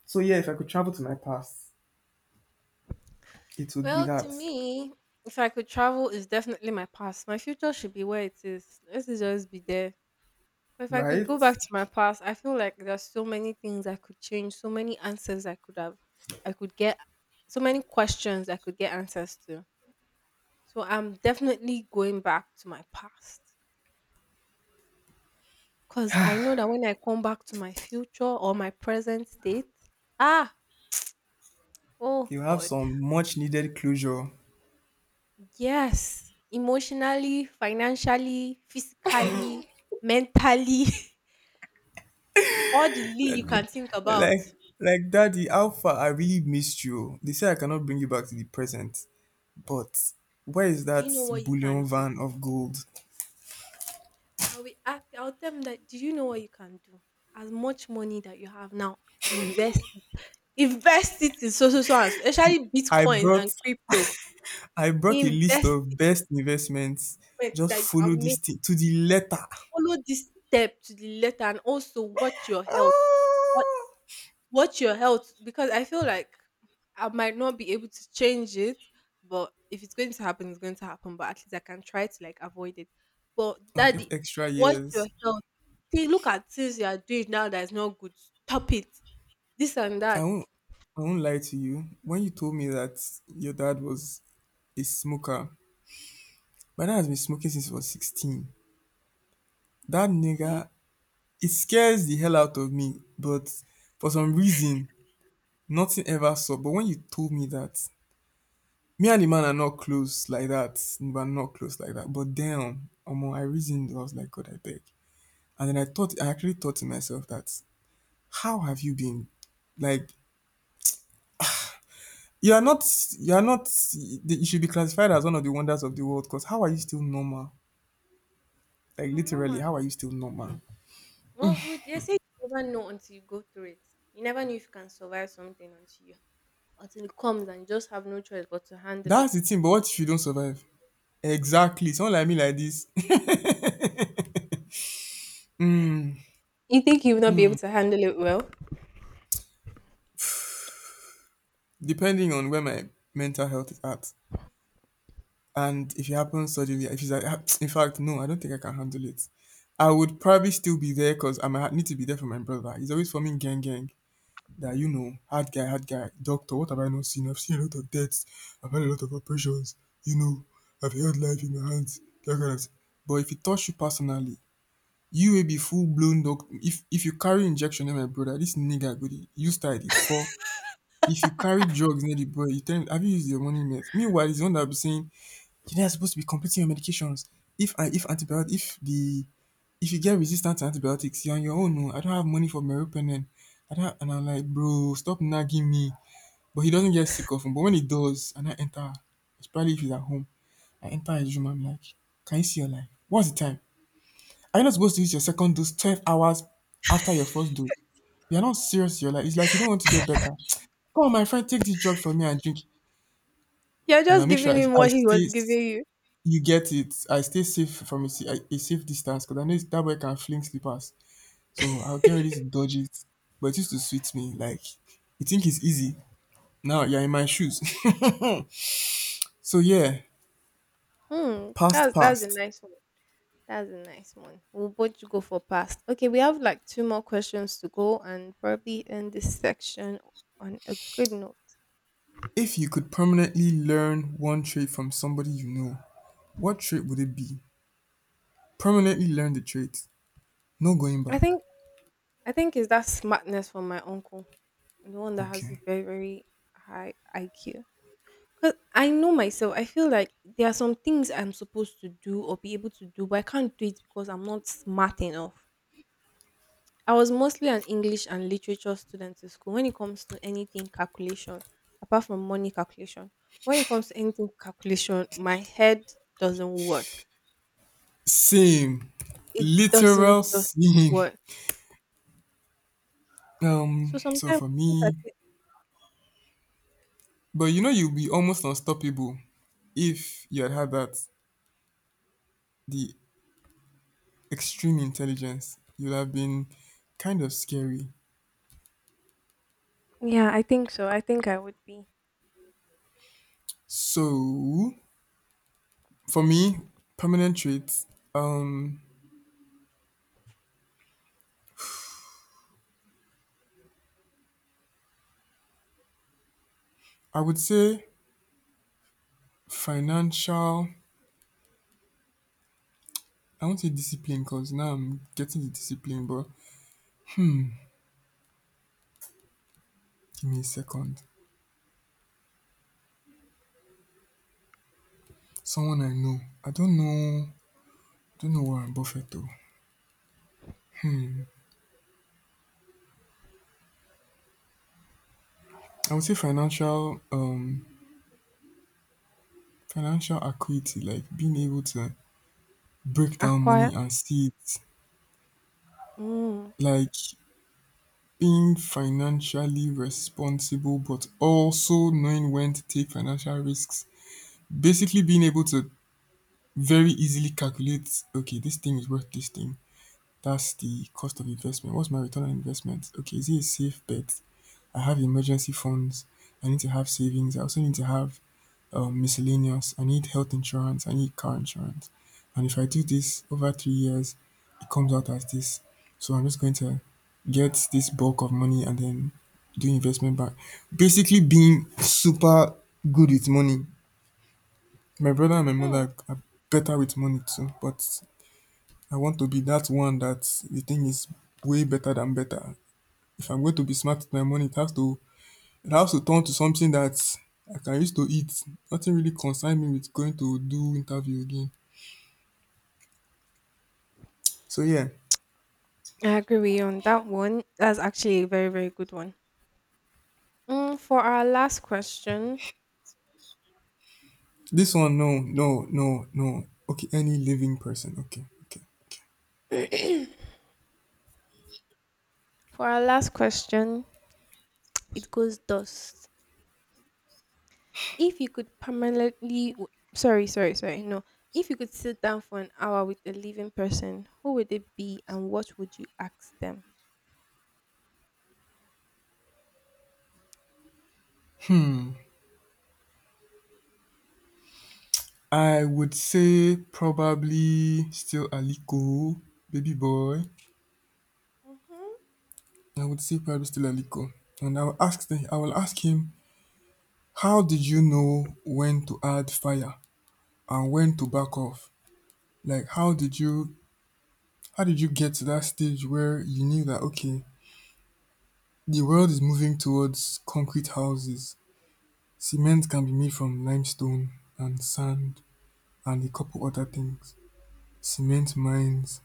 Speaker 2: So yeah, if I could travel to my past, it would be
Speaker 1: Well, to
Speaker 2: that,
Speaker 1: me, if I could travel, it's definitely my past. My future should be where it is. Let's just be there. But if I could
Speaker 2: right?
Speaker 1: go back to my past, I feel like there's so many things I could change, so many answers I could have, I could get, so many questions I could get answers to. So I'm definitely going back to my past because I know that when I come back to my future or my present state, ah, oh
Speaker 2: You have
Speaker 1: God.
Speaker 2: some much needed closure.
Speaker 1: Yes, emotionally, financially, physically, mentally, all the Lee you can think about.
Speaker 2: Like daddy, how far I really missed you. They say I cannot bring you back to the present. But where is
Speaker 1: Do you
Speaker 2: that
Speaker 1: know what you
Speaker 2: bullion
Speaker 1: can do?
Speaker 2: van of gold?
Speaker 1: I will ask, I'll tell them that, do you know what you can do? As much money that you have now, invest it. Invest it in so, so, so, and so,
Speaker 2: See,
Speaker 1: especially
Speaker 2: I
Speaker 1: bitcoins
Speaker 2: brought
Speaker 1: and crypto.
Speaker 2: I brought a list
Speaker 1: Invest
Speaker 2: of
Speaker 1: it
Speaker 2: best investments.
Speaker 1: first
Speaker 2: Just
Speaker 1: that you
Speaker 2: follow
Speaker 1: can make.
Speaker 2: this thing to the letter.
Speaker 1: Follow this step to the letter and also watch your health.
Speaker 2: Ah!
Speaker 1: Watch your health because I feel like I might not be able to change it, but if it's going to happen, it's going to happen. But at least I can try to like avoid it. But
Speaker 2: I'll get
Speaker 1: daddy,
Speaker 2: extra
Speaker 1: watch your
Speaker 2: years.
Speaker 1: health. Take look at things you are doing now that is not good. Stop it. This and
Speaker 2: I
Speaker 1: that.
Speaker 2: won't I won't lie to you. When you told me that your dad was a smoker, my dad has been smoking since he was 16. That
Speaker 1: You see,
Speaker 2: nigga, it scares the hell out of me. But for some reason, nothing ever stopped. But when you told me that, me and the man are not close like that. We're not close like that. But damn, omo, I reasoned. I was like, God, I beg. And then I thought, I actually thought to myself that, how have you been? Like, you are not, you are not, you should be classified as one of the wonders of the world. Because how are you still normal? Like,
Speaker 1: I'm not
Speaker 2: literally,
Speaker 1: mad.
Speaker 2: how are you still normal?
Speaker 1: Well, they say you never know until you go through it. You never know if you can survive something until you, until it comes and you just have no choice but to handle
Speaker 2: That's
Speaker 1: it.
Speaker 2: the thing. But what if you don't survive? Exactly. Someone like me like this,
Speaker 1: You think you will not be able to handle it well?
Speaker 2: depending on where my mental health is at, and if it happens suddenly, if it's like, in fact, no, I don't think I can handle it. I would probably still be there because I might need to be there for my brother. He's always forming gang gang that, you know, hard guy, hard guy. Doctor, what have I not seen? I've seen a lot of deaths. I've had a lot of operations. You know, I've held life in my hands. That kind of thing. But if it touch you personally, you will be full blown doc. If you carry injection near my brother, this nigga go dey use style dey fall. If you carry drugs near the boy, you tell him, have you used your money net? Meanwhile, he's the one that be saying, you know you're supposed to be completing your medications. If I if antibiotic if the if you get resistant to antibiotics, you're on your own. Oh. I don't have money for meropenem. I don't have, and I'm like, bro, stop nagging me. But he doesn't get sick often. But when he does, and I enter, especially if he's at home, I enter his room. I'm like, can you see your life? What's the time? Are you not supposed to use your second dose 12 hours after your first dose? You're not serious. You're like, it's like you don't want to get better. Come on, my friend, take this drug from me and drink.
Speaker 1: You're
Speaker 2: And I'll
Speaker 1: just
Speaker 2: make sure
Speaker 1: giving
Speaker 2: I,
Speaker 1: him
Speaker 2: I
Speaker 1: what he
Speaker 2: stay,
Speaker 1: was giving you.
Speaker 2: you get it. I stay safe from a, a safe distance because I know that boy can fling slippers. So I'll get ready to dodge it. But it used to sweet me. Like, you think it's easy. Now you're in my shoes. so yeah,
Speaker 1: Hmm,
Speaker 2: past,
Speaker 1: that's a
Speaker 2: past.
Speaker 1: nice one. That's a nice one. We'll both go for past. Okay, we have like two more questions to go and probably end this section on a good note.
Speaker 2: If you could permanently learn one trait from somebody you know, what trait would it be? Permanently learn the trait. No going
Speaker 1: I
Speaker 2: back.
Speaker 1: think I think is that smartness from my uncle, the one that has a
Speaker 2: Okay.
Speaker 1: very very high IQ. Cause I know myself. I feel like there are some things I'm supposed to do or be able to do, but I can't do it because I'm not smart enough. I was mostly an English and literature student in school. When it comes to anything calculation, apart from money calculation, when it comes to anything calculation, my head doesn't work.
Speaker 2: Same.
Speaker 1: It doesn't
Speaker 2: Literal
Speaker 1: just
Speaker 2: same.
Speaker 1: work. So
Speaker 2: So
Speaker 1: sometimes
Speaker 2: for
Speaker 1: I look at
Speaker 2: me,
Speaker 1: it.
Speaker 2: but you know you'll be almost unstoppable if you had had that the extreme intelligence. You'd have been kind of scary.
Speaker 1: Yeah, I think so. I think I would be
Speaker 2: So for me, permanent traits, um, I would say financial. I won't say discipline because now I'm getting the discipline. But give me a second. Someone I know. I don't know. Don't know Warren Buffett though. Hmm, I would say financial acuity, like being able to break down money
Speaker 1: acquire.
Speaker 2: and see it,
Speaker 1: Mm.
Speaker 2: like being financially responsible but also knowing when to take financial risks, basically being able to very easily calculate, okay, this thing is worth this thing, that's the cost of investment, what's my return on investment, okay, is it a safe bet? I have emergency funds. I need to have savings. I also need to have, miscellaneous. I need health insurance. I need car insurance. And if I do this over 3 years, it comes out as this. So I'm just going to get this bulk of money and then do investment back. Basically, being super good with money. My brother and my
Speaker 1: Hmm.
Speaker 2: mother are better with money too, but I want to be that one that the thing is way better than better. If I'm going to be smart with my money, it has to the house will turn to something that I can use to eat. Nothing really concern me with going to do interview again. So yeah,
Speaker 1: I agree with you on that one. That's actually a very, very good one. Mm, for our last question,
Speaker 2: this one no, no, no, no. Okay, any living person. Okay, okay.
Speaker 1: for our last question, it goes dust. If you could permanently, sorry, sorry, sorry, no. If you could sit down for an hour with a living person, who would it be and what would you ask them?
Speaker 2: I would say probably still Aliko, baby boy.
Speaker 1: Mm-hmm.
Speaker 2: I would say probably still Aliko, and I will ask I will ask him, how did you know when to add fire and when to back off? Like, how did you get to that stage where you knew that okay, the world is moving towards concrete houses. Cement can be made from limestone and sand and a couple other things. Cement mines.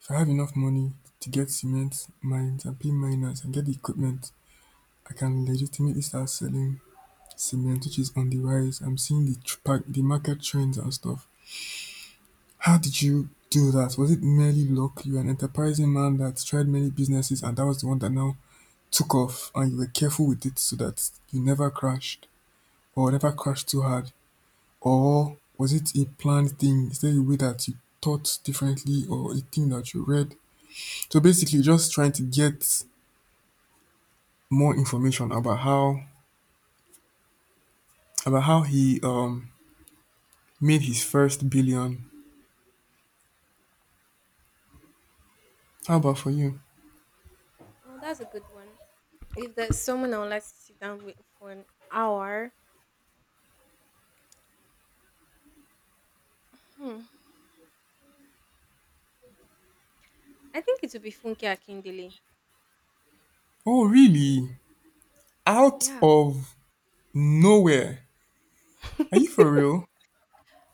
Speaker 2: If I have enough money to get cement mines and pay miners and get the equipment, I can legitimately start selling cement, which is on the rise. I'm seeing the the market trends and stuff. How did you do that? Was it merely luck? You're an enterprising man that tried many businesses, and that was the one that now took off, and you were careful with it so that you never crashed, or never crashed too hard? Or was it a planned thing? Is there a way that you thought differently or a thing that you read? So basically just trying to get more information about how he made his first billion. How about for you?
Speaker 1: Well, that's a good one. If there's someone I would like to sit down with for an hour, hmm, I think it would be Funke Akindele.
Speaker 2: Oh really? Out
Speaker 1: Yeah.
Speaker 2: of nowhere. Are you for real?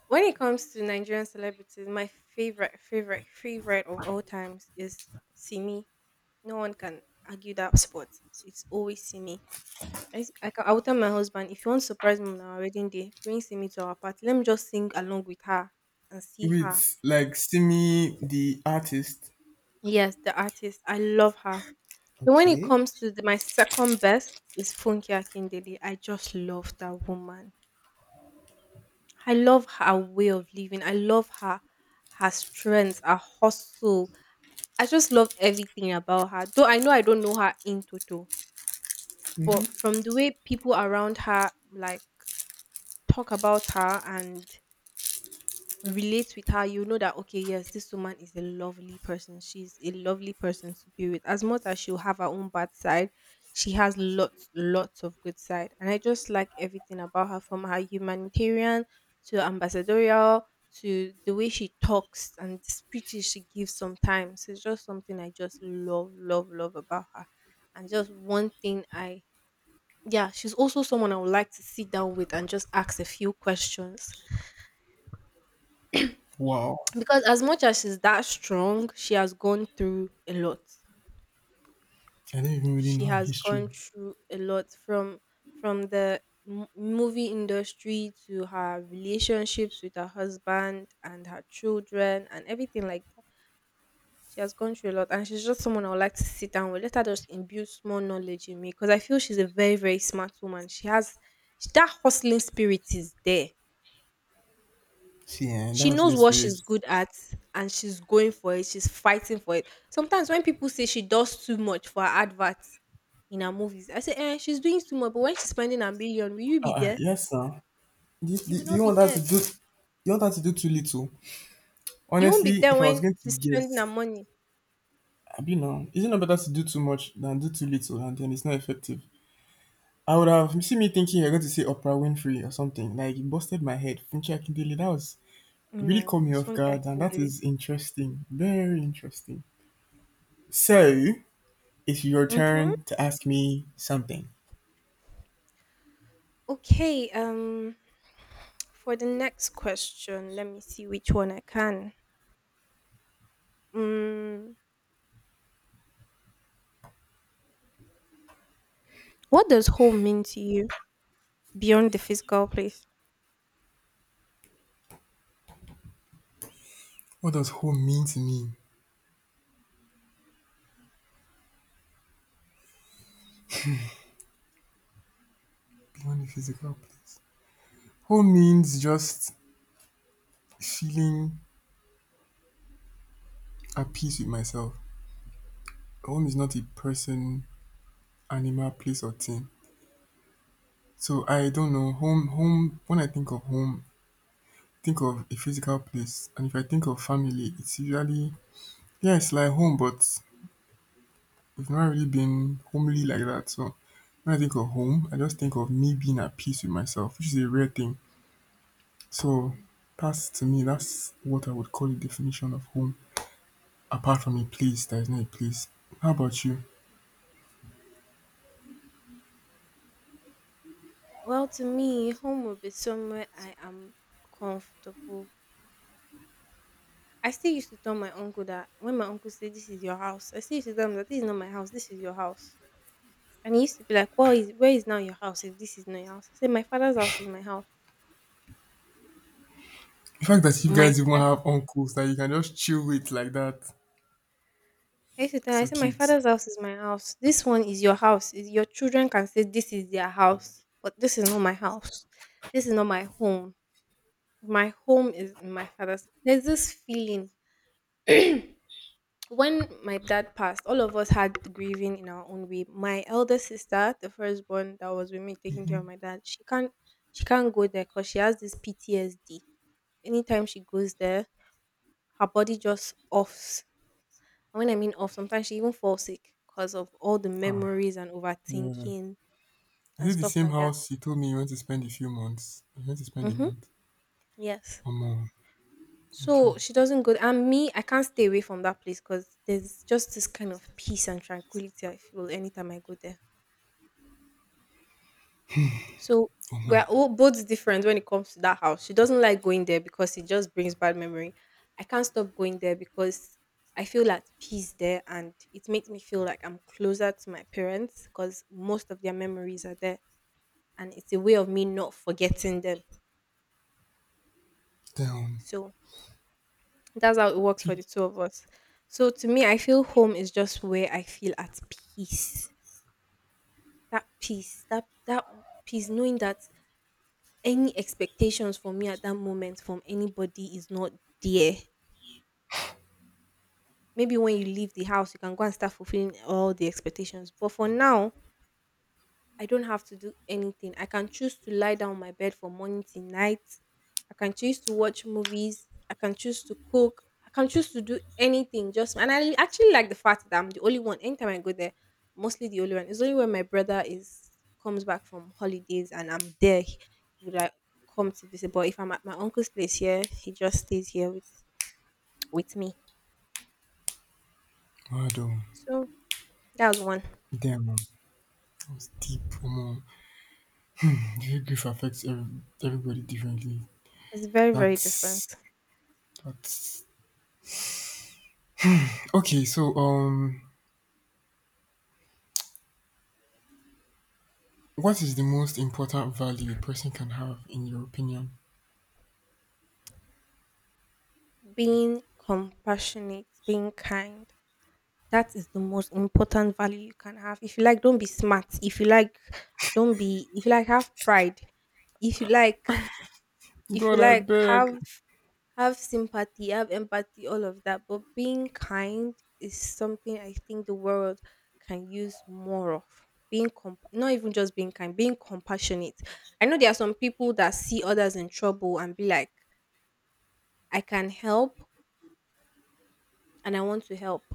Speaker 1: When it comes to Nigerian celebrities, my favorite, favorite, favorite of all times is Simi. No one can argue that spot. It's always Simi. I, s- I, can, I will tell my husband, if you want to surprise me on our wedding day, bring Simi to our party. Let me just sing along with her and see her.
Speaker 2: With like Simi the artist.
Speaker 1: Yes, the artist. I love her. But when it
Speaker 2: Okay.
Speaker 1: comes to my second best is Funky Akindele. I just love that woman. I love her way of living. I love her strength, her hustle. I just love everything about her. Though I know I don't know her in total,
Speaker 2: Hmm.
Speaker 1: but from the way people around her like talk about her and relate with her, you know that okay, yes, this woman is a lovely person. She's a lovely person to be with. As much as she'll have her own bad side, she has lots, lots of good side. And I just like everything about her, from her humanitarian to ambassadorial to the way she talks and the speeches she gives sometimes. It's just something I just love, love, love about her. And just one thing I, yeah, she's also someone I would like to sit down with and just ask a few questions.
Speaker 2: Wow.
Speaker 1: Because as much as she's that strong, she has gone through a lot.
Speaker 2: I do not even really know
Speaker 1: She
Speaker 2: her
Speaker 1: has
Speaker 2: history.
Speaker 1: gone through a lot from the movie industry to her relationships with her husband and her children and everything like that. She has gone through a lot, and she's just someone I would like to sit down with. Let her just imbue small knowledge in me, because I feel she's a very very smart woman. She has that hustling spirit is there.
Speaker 2: See, and that
Speaker 1: She
Speaker 2: was the
Speaker 1: knows what
Speaker 2: spirit.
Speaker 1: she's good at, and she's going for it. She's fighting for it. Sometimes when people say she does too much for her adverts in her movies, I say eh, she's doing too much. But when she's spending a million, will you be there?
Speaker 2: Yes, sir. Do you,
Speaker 1: You will
Speaker 2: do, do
Speaker 1: not
Speaker 2: you want
Speaker 1: be
Speaker 2: that to
Speaker 1: there.
Speaker 2: do? You want that to do too little?
Speaker 1: You won't be
Speaker 2: Honestly,
Speaker 1: there
Speaker 2: if I was
Speaker 1: when
Speaker 2: going to
Speaker 1: she's spending her
Speaker 2: guess,
Speaker 1: money.
Speaker 2: now is it better to do too much than do too little, and then it's not effective? I would have you see me thinking you're going to say Oprah Winfrey or something. Like it busted my head. Funke Akindele, that was it
Speaker 1: No,
Speaker 2: really caught me
Speaker 1: it's
Speaker 2: off
Speaker 1: funny, I
Speaker 2: guard, and that
Speaker 1: it.
Speaker 2: is interesting, very interesting. So it's your
Speaker 1: Mm-hmm.
Speaker 2: turn to ask me something.
Speaker 1: Okay, for the next question, let me see which one I can, mm, what does home mean to you beyond the physical place?
Speaker 2: What does home mean to me beyond the physical place? Home means just feeling at peace with myself. Home is not a person, animal, place or thing. So I don't know. Home, when I think of home, think of a physical place. And if I think of family, it's usually yeah, it's like home, but we've not really been homely like that. So when I think of home, I just think of me being at peace with myself, which is a rare thing. So that's to me, that's what I would call the definition of home. Apart from a place that is not a place. How about you?
Speaker 1: Well, to me, home would be somewhere I am comfortable. I still used to tell my uncle that when my uncle said, "This is your house," I still used to tell him that this is not my house. This is your house, and he used to be like, "Well, is Where is now your house? If this is not your house?" I said, "My father's house is my house.
Speaker 2: The fact that you
Speaker 1: My."
Speaker 2: guys even have uncles that you can just chill with like that,
Speaker 1: I used to tell. Him, I
Speaker 2: so
Speaker 1: said, "My
Speaker 2: cute.
Speaker 1: father's house is my house. This one is your house. Is- Your children can say this is their house, but this is not my house. This is not my home. My home is in my father's." There's this feeling when my dad passed, all of us had grieving in our own way. My elder sister, the firstborn that was with me taking care of my dad, she can't go there because she has this PTSD. Anytime she goes there, her body just offs. And when I mean off, sometimes she even falls sick because of all the
Speaker 2: Ah,
Speaker 1: memories and
Speaker 2: yeah.
Speaker 1: overthinking
Speaker 2: Is
Speaker 1: and
Speaker 2: it the
Speaker 1: stuff
Speaker 2: same
Speaker 1: like that.
Speaker 2: house you told me you want to spend a few months? You want to spend a
Speaker 1: Mm-hmm.
Speaker 2: month
Speaker 1: Yes.
Speaker 2: or more? Okay,
Speaker 1: So she doesn't go. And me, I can't stay away from that place because there's just this kind of peace and tranquility I feel anytime I go there. So
Speaker 2: or more.
Speaker 1: we're all both different when it comes to that house. She doesn't like going there because it just brings bad memory. I can't stop going there because I feel at peace there, and it makes me feel like I'm closer to my parents because most of their memories are there, and it's a way of me not forgetting them.
Speaker 2: Damn,
Speaker 1: So that's how it works for
Speaker 2: people.
Speaker 1: the two of us. So to me, I feel home is just where I feel at peace. That peace, that peace, knowing that any expectations for me at that moment from anybody is not there. Maybe when you leave the house, you can go and start fulfilling all the expectations. But for now, I don't have to do anything. I can choose to lie down on my bed from morning till night. I can choose to watch movies. I can choose to cook. I can choose to do anything. Just, and I actually like the fact that I'm the only one. Anytime I go there, mostly the only one. It's only when my brother is comes back from holidays and I'm there, he would like come to visit. But if I'm at my uncle's place here, he just stays here with me.
Speaker 2: Damn,
Speaker 1: So that was one.
Speaker 2: damn, man. That was deep. Or more. Daily grief affects everybody differently.
Speaker 1: It's very very different.
Speaker 2: That's that's okay. So, what is the most important value a person can have in your opinion?
Speaker 1: Being compassionate, being kind. That is the most important value you can have. If you like, don't be smart. If you like, don't be. If you like, have pride. If you like, if you
Speaker 2: God, I
Speaker 1: like, have
Speaker 2: beg.
Speaker 1: have sympathy, have empathy, all of that. But being kind is something I think the world can use more of. Being not even just being kind, being compassionate. I know there are some people that see others in trouble and be like, I can help and I want to help,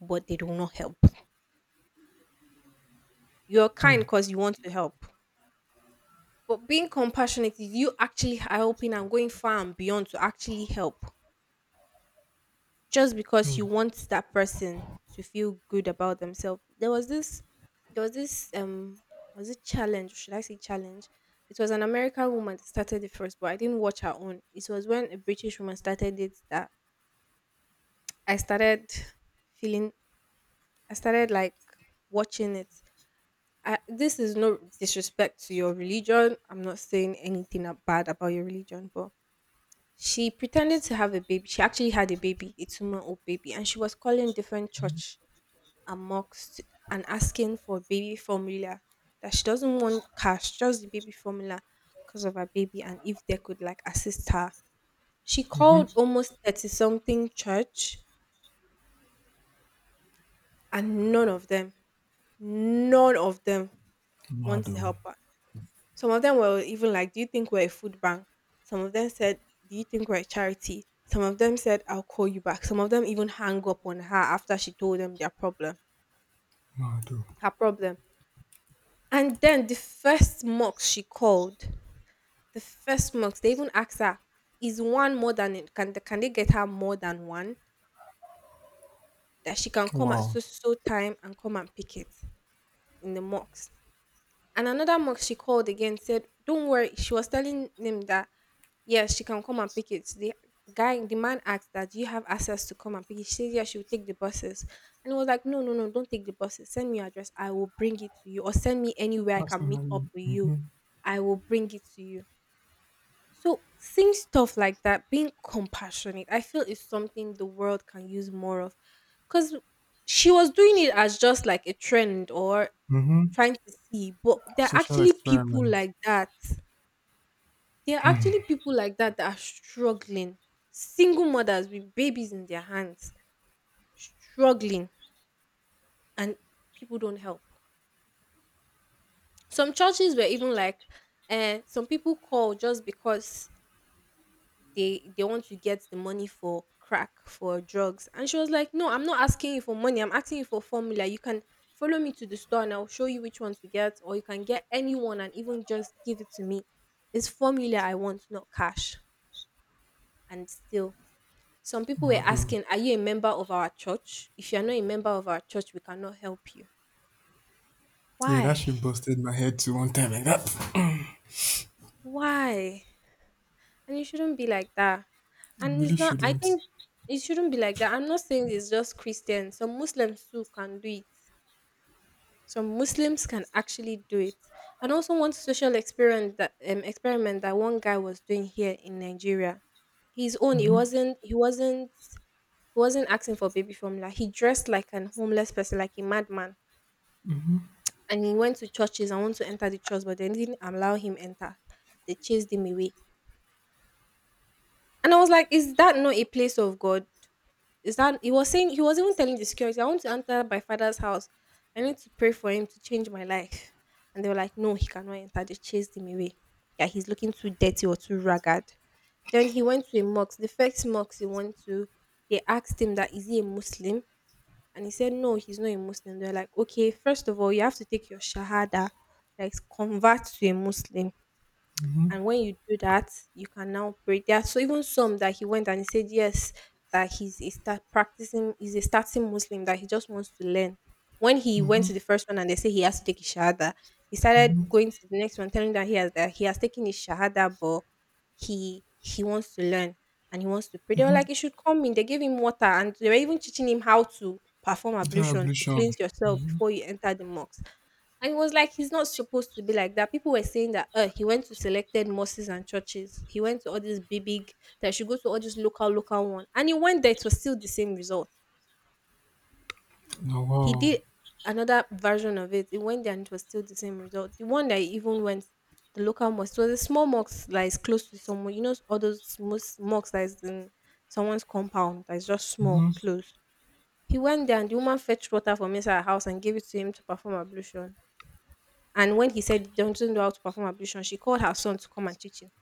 Speaker 1: but they do not help. You're kind because you want to help. But being compassionate is you actually helping and going far and beyond to actually help just because you want that person to feel good about themselves. There was this, was it challenge? Should I say challenge? It was an American woman that started it first, but I didn't watch her own. It was when a British woman started it that I started feeling, I started like watching it. I, this is no disrespect to your religion. I'm not saying anything bad about your religion, but she pretended to have a baby. She actually had a baby, a 2 month old baby, and she was calling different church amongst and asking for baby formula, that she doesn't want cash, just the baby formula because of her baby, and if they could like assist her. She called
Speaker 2: Mm-hmm.
Speaker 1: almost 30 something church, and none of them want to
Speaker 2: Mado.
Speaker 1: help her. Some of them were even like, "Do you think we're a food bank?" Some of them said, "Do you think we're a charity?" Some of them said, "I'll call you back." Some of them even hung up on her after she told them their problem,
Speaker 2: Mado.
Speaker 1: her problem. And then the first mocks she called, the first mocks, they even asked her, is one more than it? Can they get her more than one? That she can come at
Speaker 2: Wow.
Speaker 1: so so time and come and pick it in the mocks. And another mug she called again said, "Don't worry." She was telling him that, yes, she can come and pick it. The man asked that, "Do you have access to come and pick it?" She said, yeah, she will take the buses. And he was like, "No, no, no, don't take the buses. Send me your address. I will bring it to you. Or send me anywhere I can meet up
Speaker 2: Personally.
Speaker 1: with you.
Speaker 2: Mm-hmm.
Speaker 1: I will bring it to you." So, seeing stuff like that, being compassionate, I feel is something the world can use more of. Because she was doing it as just like a trend or
Speaker 2: Mm-hmm.
Speaker 1: trying to see, but there are
Speaker 2: Social
Speaker 1: actually people
Speaker 2: experiment.
Speaker 1: like that. There are actually people like that that are struggling. Single mothers with babies in their hands, struggling, and people don't help. Some churches were even like, some people call just because they want to get the money for crack for drugs, and she was like, no, I'm not asking you for money, I'm asking you for formula. You can follow me to the store and I'll show you which one to get, or you can get anyone and even just give it to me. It's formula I want, not cash. And still some people were
Speaker 2: Wow, though.
Speaker 1: asking, are you a member of our church? If you're not a member of our church, we cannot help you.
Speaker 2: Yeah, that
Speaker 1: Why?
Speaker 2: shit busted my head to one time like that.
Speaker 1: Why? And it shouldn't be like that.
Speaker 2: You
Speaker 1: And
Speaker 2: really
Speaker 1: it's not, I
Speaker 2: shouldn't.
Speaker 1: think it shouldn't be like that. I'm not saying it's just Christians. Some Muslims too can do it. Some Muslims can actually do it. And also one social experiment that one guy was doing here in Nigeria. His own, he wasn't asking for baby formula. Like, he dressed like an homeless person, like a madman. And he went to churches and wanted to enter the church, but they didn't allow him enter. They chased him away. And I was like, is that not a place of God? Is that he was saying, he was even telling the security, "I want to enter my father's house. I need to pray for him to change my life." And they were like, no, he cannot enter. They chased him away. Yeah, he's looking too dirty or too ragged. Then he went to a mosque. The first mosque he went to, they asked him that is he a Muslim? And he said, no, he's not a Muslim. They're like, okay, first of all, you have to take your Shahada, like convert to a Muslim,
Speaker 2: Mm-hmm,
Speaker 1: and when you do that, you can now pray. There are so even some that he went and he said yes, that he's a start practicing, he's a starting Muslim, that he just wants to learn. When he went to the first one and they say he has to take his shahada, he started
Speaker 2: mm-hmm,
Speaker 1: going to the next one, telling that he has taken his shahada, but he wants to learn and he wants to pray. They were
Speaker 2: mm-hmm.
Speaker 1: like, you should come in. They gave him water and they were even teaching him how to perform
Speaker 2: That
Speaker 1: ablution to
Speaker 2: ablution.
Speaker 1: cleanse yourself before you enter the mosque. And it was like, he's not supposed to be like that. People were saying that he went to selected mosques and churches. He went to all these big big that should go to all these local local one. And he went there, it was still the same result.
Speaker 2: No,
Speaker 1: He
Speaker 2: wow.
Speaker 1: did another version of it. He went there and it was still the same result. The one that he even went, the local mosque, it was a small mosque that is close to someone. You know all those mosques that is in someone's compound that is just small,
Speaker 2: Mm-hmm.
Speaker 1: close. He went there and the woman fetched water from inside her house and gave it to him to perform ablution. And when he said they don't know how to perform ablution, she called her son to come and teach him.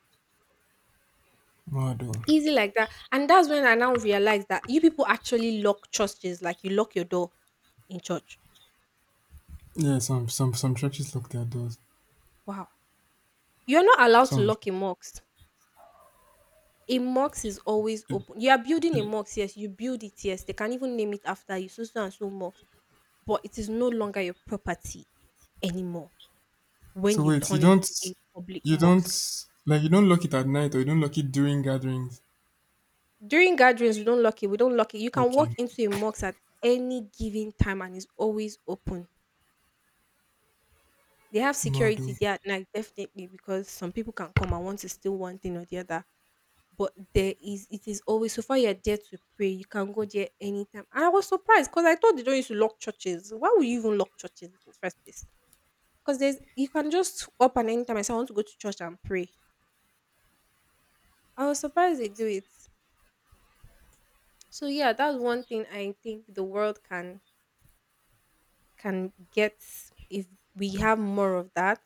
Speaker 2: Wow, though.
Speaker 1: Easy like that. And that's when I now realized that you people actually lock churches like you lock your door in church.
Speaker 2: Yeah, some churches lock their doors.
Speaker 1: Wow. You're not allowed to
Speaker 2: Some.
Speaker 1: lock a mosque. A mosque is always
Speaker 2: It,
Speaker 1: open. You are building a
Speaker 2: it,
Speaker 1: mosque, yes, you build it, yes. They can even name it after you, so so and so mosque. But it is no longer your property anymore when
Speaker 2: so
Speaker 1: you
Speaker 2: wait,
Speaker 1: turn it to a public
Speaker 2: you don't
Speaker 1: mosque.
Speaker 2: like you don't lock it at night or you don't lock it during gatherings.
Speaker 1: During gatherings, we don't lock it. We don't lock it. You can
Speaker 2: Okay.
Speaker 1: walk into a mosque at any given time and it's always open. They have
Speaker 2: No, though.
Speaker 1: security there at night, definitely, because some people can come and want to steal one thing or the other. But there is, it is always so far you're there to pray. You can go there anytime. And I was surprised because I thought they don't used to lock churches. Why would you even lock churches in the first place? Because there's, you can just up and anytime I say I want to go to church and pray. I was surprised they do it. So yeah, that's one thing I think the world can get if we have more of that,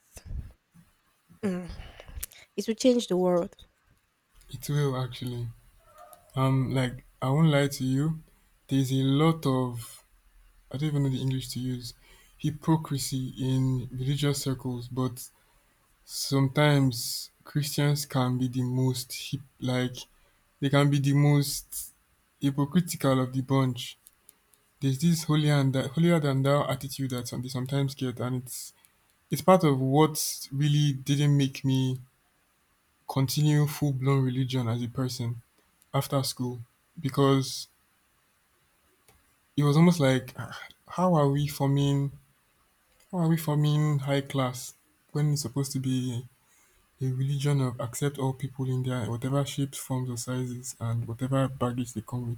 Speaker 1: mm, it will change the world.
Speaker 2: It will actually. Like I won't lie to you. There's a lot of I don't even know the English to use, hypocrisy in religious circles, but sometimes Christians can be the most hip, like they can be the most hypocritical of the bunch. There's this holy and holier than thou attitude that they sometimes get, and it's part of what really didn't make me continue full blown religion as a person after school because it was almost like, "Ah, how are we forming how are we forming high class when it's supposed to be a religion of accept all people in their whatever shapes, forms, or sizes, and whatever baggage they come with?"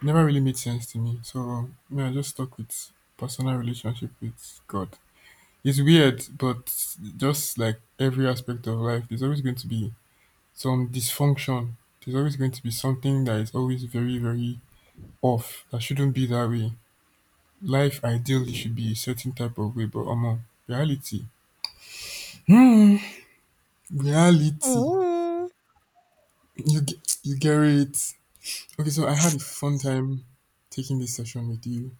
Speaker 2: Never really made sense to me. So, me, I just stuck with personal relationship with God. It's weird, but just like every aspect of life, there's always going to be some dysfunction. There's always going to be something that is always very, very off. That shouldn't be that way. Life ideally should be a certain type of way, but reality. Hmm. Reality.
Speaker 1: Oh,
Speaker 2: You get it. Okay, so I had a fun time taking this session with you.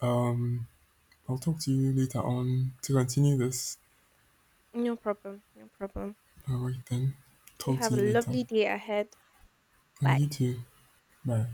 Speaker 2: Um, I'll talk to you later on to continue this.
Speaker 1: no problem, no problem.
Speaker 2: All right then.
Speaker 1: You
Speaker 2: Talk
Speaker 1: have
Speaker 2: to you
Speaker 1: a
Speaker 2: later.
Speaker 1: lovely day ahead.
Speaker 2: And
Speaker 1: Bye.
Speaker 2: you too. Bye.